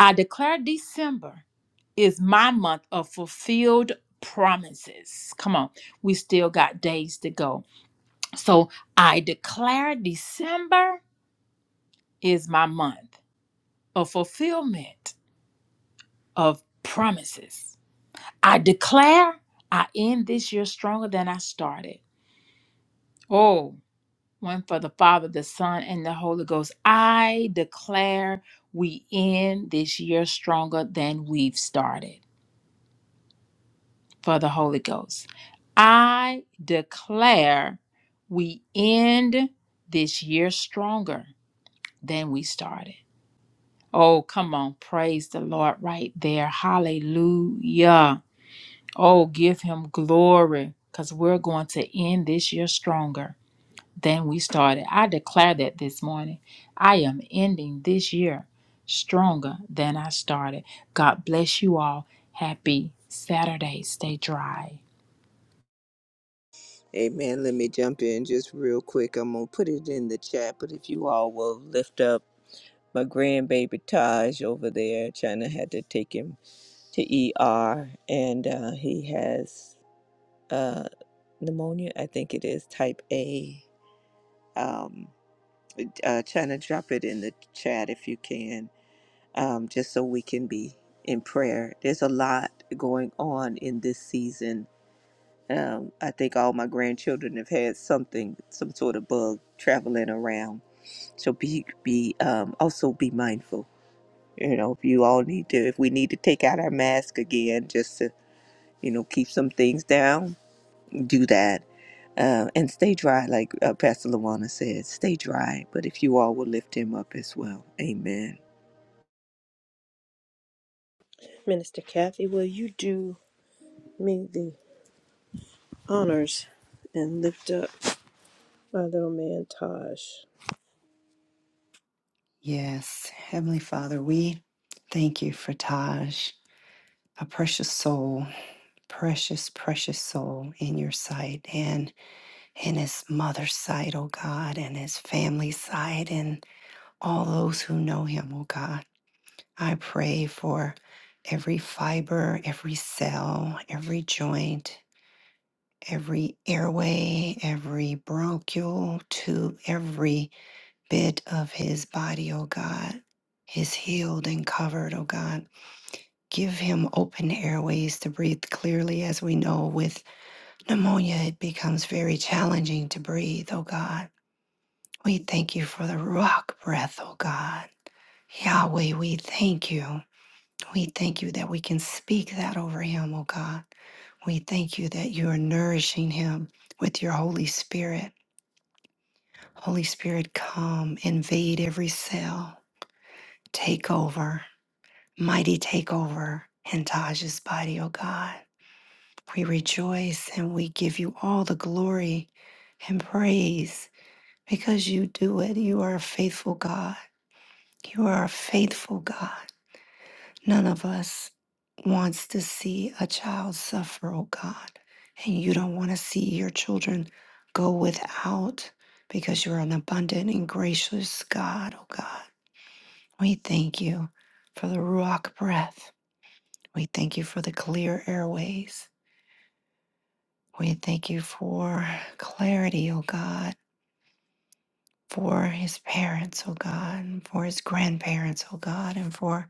D: I declare December is my month of fulfilled promises. Come on, we still got days to go. So I declare December is my month of fulfillment of promises. I declare I end this year stronger than I started. Oh, one for the Father, the Son, and the Holy Ghost. I declare we end this year stronger than we've started for the Holy Ghost. I declare we end this year stronger than we started. Oh, come on. Praise the Lord right there. Hallelujah. Oh, give him glory because we're going to end this year stronger than we started. I declare that this morning. I am ending this year stronger than I started. God bless you all. Happy Saturday. Stay dry.
C: Amen. Let me jump in just real quick. I'm going to put it in the chat, but if you all will lift up my grandbaby Taj over there, China had to take him to ER, and uh, he has. pneumonia. I think it is type A. Um, uh, China, drop it in the chat if you can, um, just so we can be in prayer. There's a lot going on in this season. Um, I think all my grandchildren have had something, some sort of bug traveling around. So be, be um, also be mindful. You know, if you all need to, if we need to take out our mask again, just to you know keep some things down, do that uh, and stay dry, like uh, Pastor Lawana said, stay dry. But if you all will lift him up as well, Amen.
A: Minister Kathy, will you do me the honors and lift up? my little man Taj.
B: Yes. Heavenly Father, we thank you for Taj, a precious soul, precious, precious soul in your sight and in his mother's sight, oh God, and his family's sight, and all those who know him, oh God. I pray for every fiber, every cell, every joint. every airway, every bronchial tube, every bit of his body, oh God, is healed and covered, oh God. Give him open airways to breathe clearly. As we know, with pneumonia, it becomes very challenging to breathe, oh God. We thank you for the rock breath, oh God. Yahweh, we thank you. We thank you that we can speak that over him, oh God. We thank you that you are nourishing him with your Holy Spirit Holy Spirit, come, invade every cell, take over, mighty take over in Taj's body, O God. We rejoice and we give you all the glory and praise because you do it. You are a faithful God. You are a faithful God. None of us wants to see a child suffer, O God. And you don't want to see your children go without because you are an abundant and gracious God, O God. We thank you for the Ruach breath. We thank you for the clear airways. We thank you for clarity, O God, for his parents, O God, and for his grandparents, O God, and for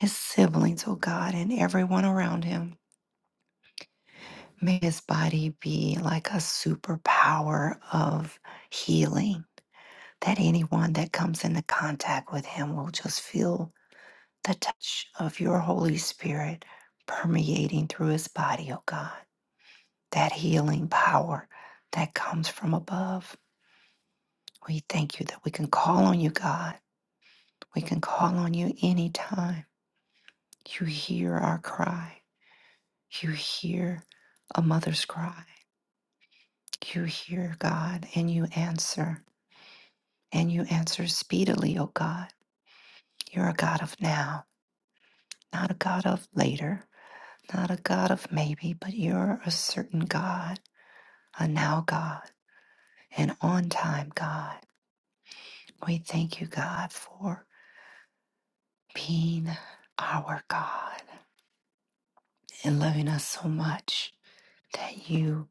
B: his siblings, O God, and everyone around him. May his body be like a superpower of healing, that anyone that comes into contact with him will just feel the touch of your Holy Spirit permeating through his body, oh God, that healing power that comes from above. We thank you that we can call on you, God. We can call on you anytime. You hear our cry. You hear a mother's cry. You hear, God, and you answer. And you answer speedily, oh God. You're a God of now, not a God of later, not a God of maybe, but you're a certain God a now God, an on time God. We thank you, God, for being our God and loving us so much that you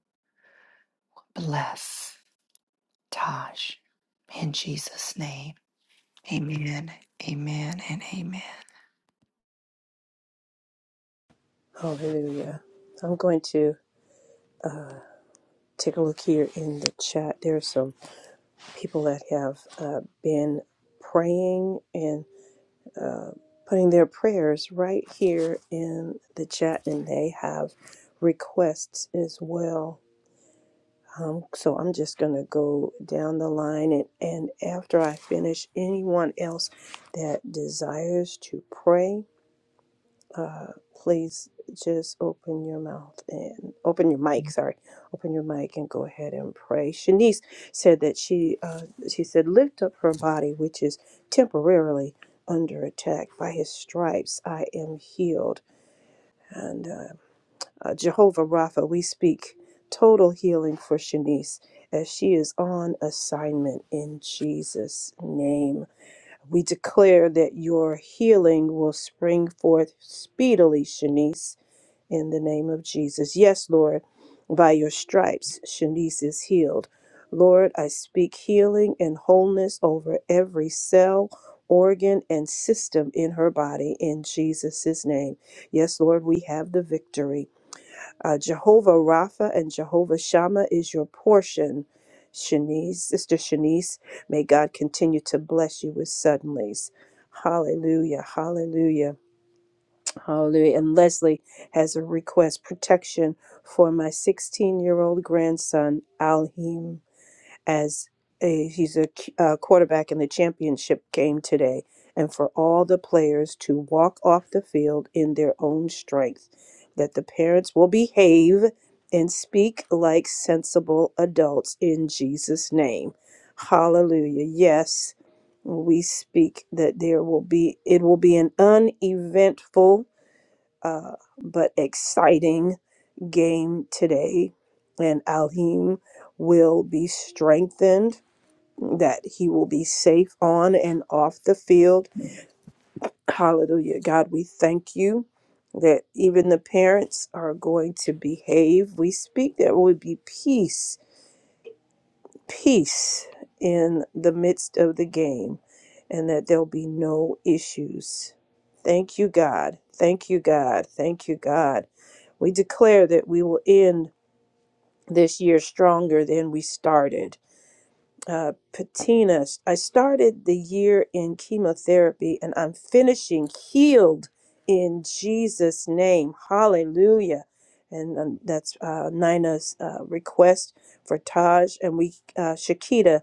B: bless Taj. In Jesus' name, amen, amen, and amen.
A: Hallelujah. I'm going to take a look here in the chat. There are some people that have uh, been praying and putting their prayers right here in the chat, and they have requests as well. Um, so I'm just going to go down the line, and, and after I finish, anyone else that desires to pray uh, please just open your mouth and open your mic. Sorry, open your mic and go ahead and pray. Shanice said that she uh, she said lift up her body, which is temporarily under attack. By His stripes, I am healed. And uh, uh, Jehovah Rapha, we speak total healing for Shanice as she is on assignment in Jesus' name. We declare that your healing will spring forth speedily, Shanice in the name of Jesus. Yes, Lord, by your stripes, Shanice is healed. Lord, I speak healing and wholeness over every cell, organ, and system in her body in Jesus' name. Yes, Lord, we have the victory. Uh, Jehovah Rapha and Jehovah Shammah is your portion. Shanice, Sister Shanice, may God continue to bless you with suddenlies. Hallelujah, hallelujah. Hallelujah. And Leslie has a request protection for my 16 year old grandson, Alheem, as a, he's a q- uh, quarterback in the championship game today, and for all the players to walk off the field in their own strength, that the parents will behave and speak like sensible adults in Jesus' name. Hallelujah. Yes, we speak that there will be, it will be an uneventful uh, but exciting game today. And Alheim will be strengthened, that he will be safe on and off the field. Hallelujah. God, we thank you that even the parents are going to behave. We speak there will be peace, peace in the midst of the game, and that there'll be no issues. Thank you, God. Thank you, God. Thank you, God We declare that we will end this year stronger than we started. Uh, Patina, I started the year in chemotherapy and I'm finishing healed in Jesus' name. Hallelujah. And um, that's uh, Nina's uh, request for Taj. And we, uh, Shakita,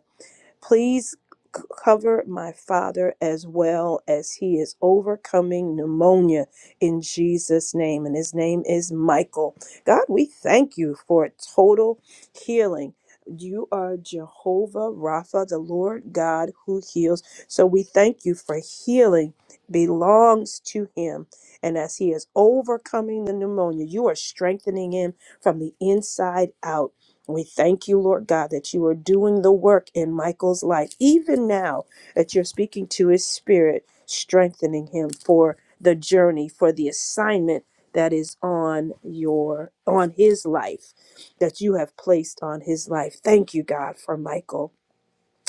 A: Please c- cover my father as well as he is overcoming pneumonia in Jesus' name. And his name is Michael. God, we thank you for total healing. You are Jehovah Rapha, the Lord God who heals. So we thank you for healing belongs to him. And as he is overcoming the pneumonia, you are strengthening him from the inside out we thank you, Lord God, that you are doing the work in Michael's life, even now that you're speaking to his spirit, strengthening him for the journey, for the assignment that is on your on his life that you have placed on his life. Thank you, God, for Michael.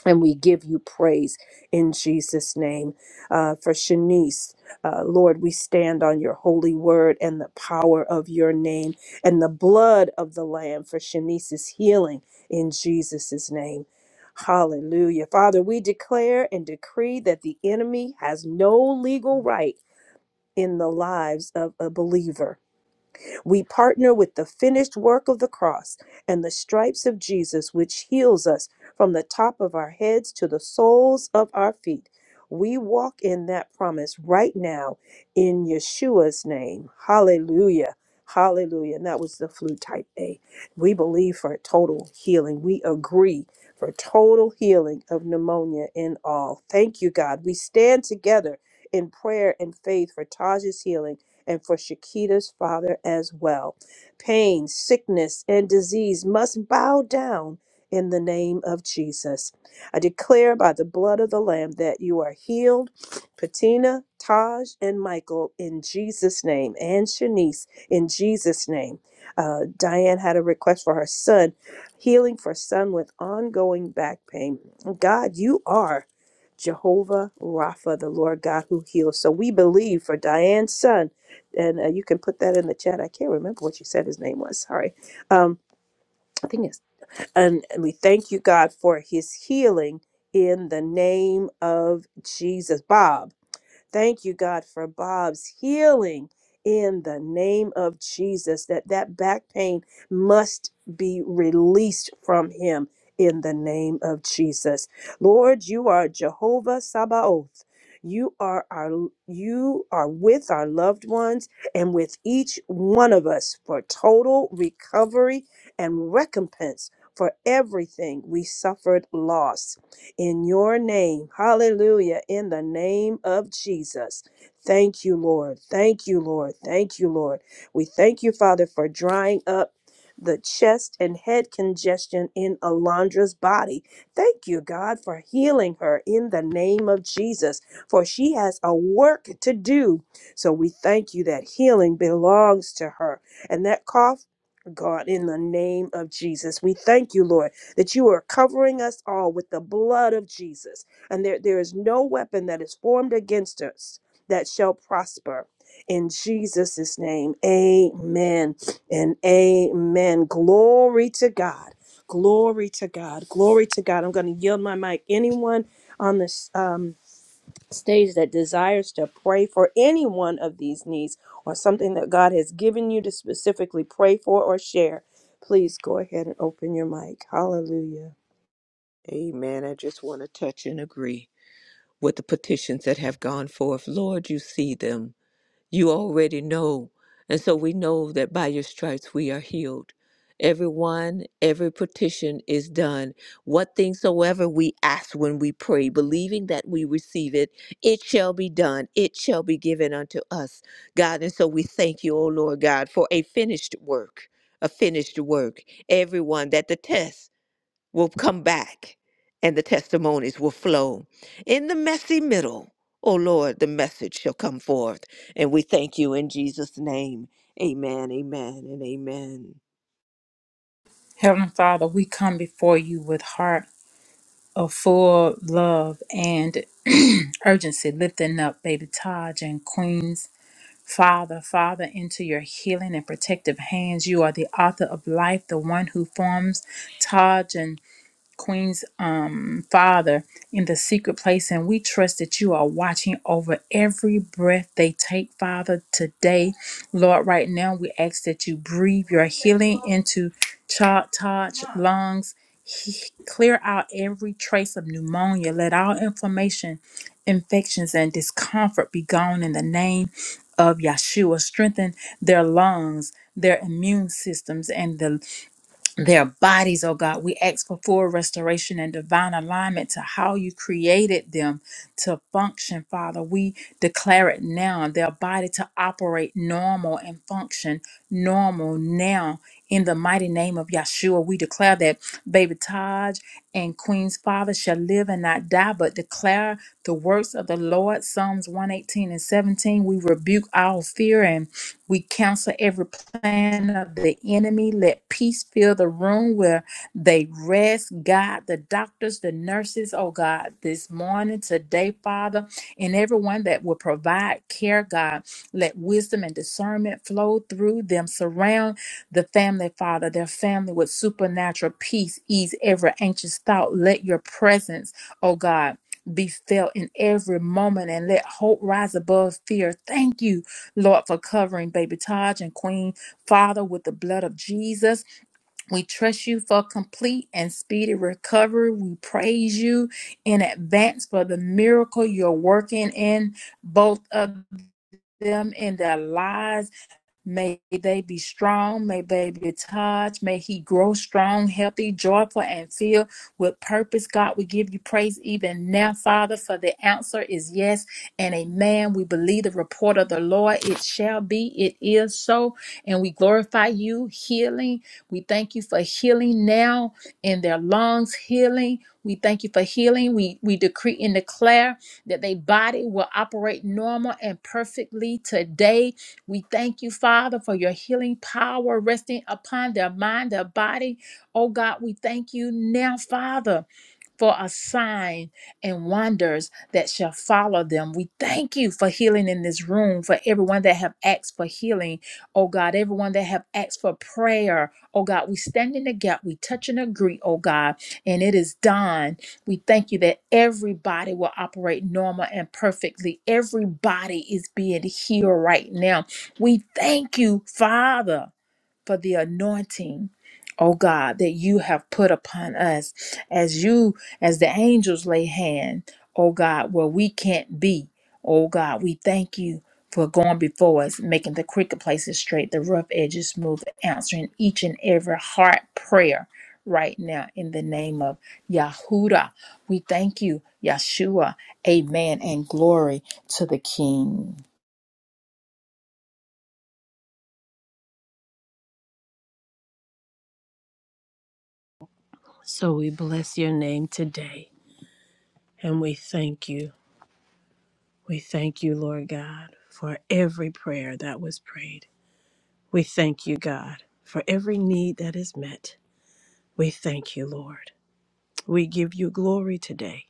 A: And we give you praise in Jesus' name. Uh, for Shanice, uh, Lord, we stand on your holy word and the power of your name and the blood of the Lamb for Shanice's healing in Jesus' name. Hallelujah. Father, we declare and decree that the enemy has no legal right in the lives of a believer we partner with the finished work of the cross and the stripes of Jesus, which heals us from the top of our heads to the soles of our feet. We walk in that promise right now in Yeshua's name. Hallelujah. Hallelujah. And that was the flu type A. We believe for total healing. We agree for total healing of pneumonia in all. Thank you, God. We stand together in prayer and faith for Taj's healing and for Shakita's father as well. Pain, sickness, and disease must bow down in the name of Jesus. I declare by the blood of the Lamb that you are healed, Patina, Taj, and Michael in Jesus' name, and Shanice in Jesus' name. Uh, Diane had a request for her son, healing for son with ongoing back pain. God, you are Jehovah Rapha, the Lord God who heals. So we believe for Diane's son and uh, you can put that in the chat. I can't remember what you said his name was. Sorry. Um, I think it's. And and we thank you, God, for his healing in the name of Jesus. Bob. Thank you, God, for Bob's healing in the name of Jesus, that that back pain must be released from him in the name of Jesus. Lord, you are Jehovah Sabaoth. You are our you are with our loved ones and with each one of us for total recovery and recompense for everything we suffered loss in your name. Hallelujah. In the name of Jesus. Thank you, Lord. Thank you, Lord. Thank you, Lord. We thank you, Father, for drying up the chest and head congestion in Alondra's body. Thank you, God, for healing her in the name of Jesus, for she has a work to do. So we thank you that healing belongs to her. And that cough God, in the name of Jesus, we thank you, Lord, that you are covering us all with the blood of Jesus, and there, there is no weapon that is formed against us that shall prosper. In Jesus' name, amen and amen. Glory to God. Glory to God. Glory to God. I'm going to yield my mic. Anyone on this um, stage that desires to pray for any one of these needs or something that God has given you to specifically pray for or share, please go ahead and open your mic. Hallelujah.
C: Amen. I just want to touch and agree with the petitions that have gone forth. Lord, you see them. you already know. And so we know that by your stripes we are healed. Everyone, every petition is done. What things soever we ask when we pray, believing that we receive it, it shall be done. It shall be given unto us, God. And so we thank you, O Lord God, for a finished work, a finished work. Everyone that the test will come back and the testimonies will flow. In the messy middle, oh Lord, the message shall come forth. And we thank you in Jesus' name. Amen, amen, and amen.
D: Heavenly Father, we come before you with heart of full love and urgency, lifting up baby Taj and Queens Father, Father, into your healing and protective hands. You are the author of life, the one who forms Taj and Queen's um, Father in the secret place. And we trust that you are watching over every breath they take, Father, today. Lord, right now, we ask that you breathe your healing into Cha- Taj lungs. He- clear out every trace of pneumonia. Let all inflammation, infections, and discomfort be gone in the name of Yeshua strengthen their lungs, their immune systems, and the their bodies, oh God. We ask for full restoration and divine alignment to how you created them to function, Father. We declare it now, their body to operate normal and function normal now. In the mighty name of Yeshua, we declare that baby Taj and Queen's father shall live and not die, but declare the works of the Lord. Psalms 118 and 17. We rebuke all fear we cancel every plan of the enemy. Let peace fill the room where they rest. God, the doctors, the nurses, oh God, this morning, today, Father, and everyone that will provide care, God, let wisdom and discernment flow through them. Surround the family, Father, their family with supernatural peace. Ease every anxious thought. Let your presence, oh God, be felt in every moment and let hope rise above fear. Thank you Lord, for covering baby Taj and Queen Father with the blood of Jesus. We trust you for complete and speedy recovery. We praise you in advance for the miracle you're working in both of them in their lives May they be strong. May they be touched. May he grow strong, healthy, joyful, and filled with purpose. God, we give you praise even now, Father, for the answer is yes and amen. We believe the report of the Lord. It shall be. It is so. And we glorify you, healing. We thank you for healing now in their lungs, healing. We thank you for healing. We, we decree and declare that their body will operate normal and perfectly today we thank you, Father, for your healing power resting upon their mind, their body. Oh God, we thank you now, Father for a sign and wonders that shall follow them. We thank you for healing in this room, for everyone that have asked for healing, oh God, everyone that have asked for prayer, oh God. We stand in the gap, we touch and agree, oh God, and it is done. We thank you that everybody will operate normal and perfectly. Everybody is being healed right now. We thank you, Father for the anointing, oh God, that you have put upon us as you, as the angels lay hand, oh God, where we can't be. Oh God, we thank you for going before us, making the crooked places straight, the rough edges smooth, answering each and every heart prayer right now in the name of Yahuda. We thank you, Yeshua. Amen and glory to the King.
A: So we bless your name today and we thank you. We thank you, Lord God, for every prayer that was prayed. We thank you, God, for every need that is met. We thank you, Lord. We give you glory today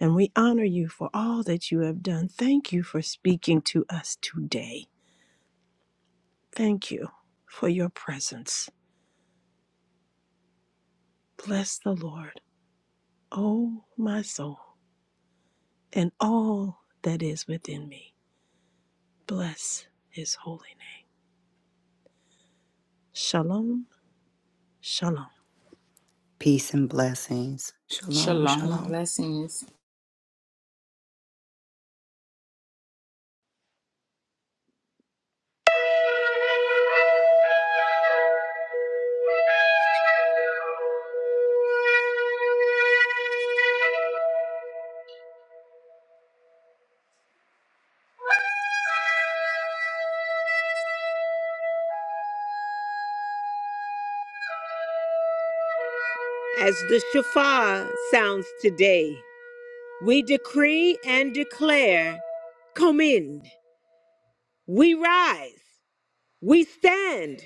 A: and we honor you for all that you have done. Thank you for speaking to us today. Thank you for your presence. Bless the Lord, O my soul, and all that is within me. Bless his holy name. Shalom, shalom.
B: Peace and blessings. Shalom,
D: Shalom.
B: shalom.
D: Blessings.
C: As the Shah sounds today, we decree and declare, come in, we rise, we stand,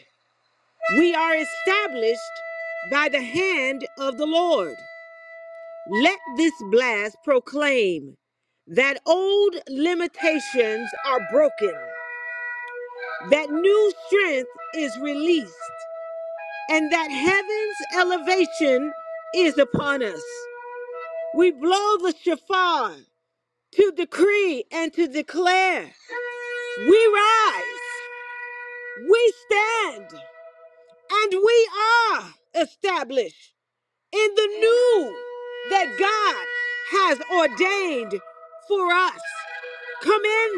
C: We are established by the hand of the Lord. Let this blast proclaim that old limitations are broken, that new strength is released, and God, come in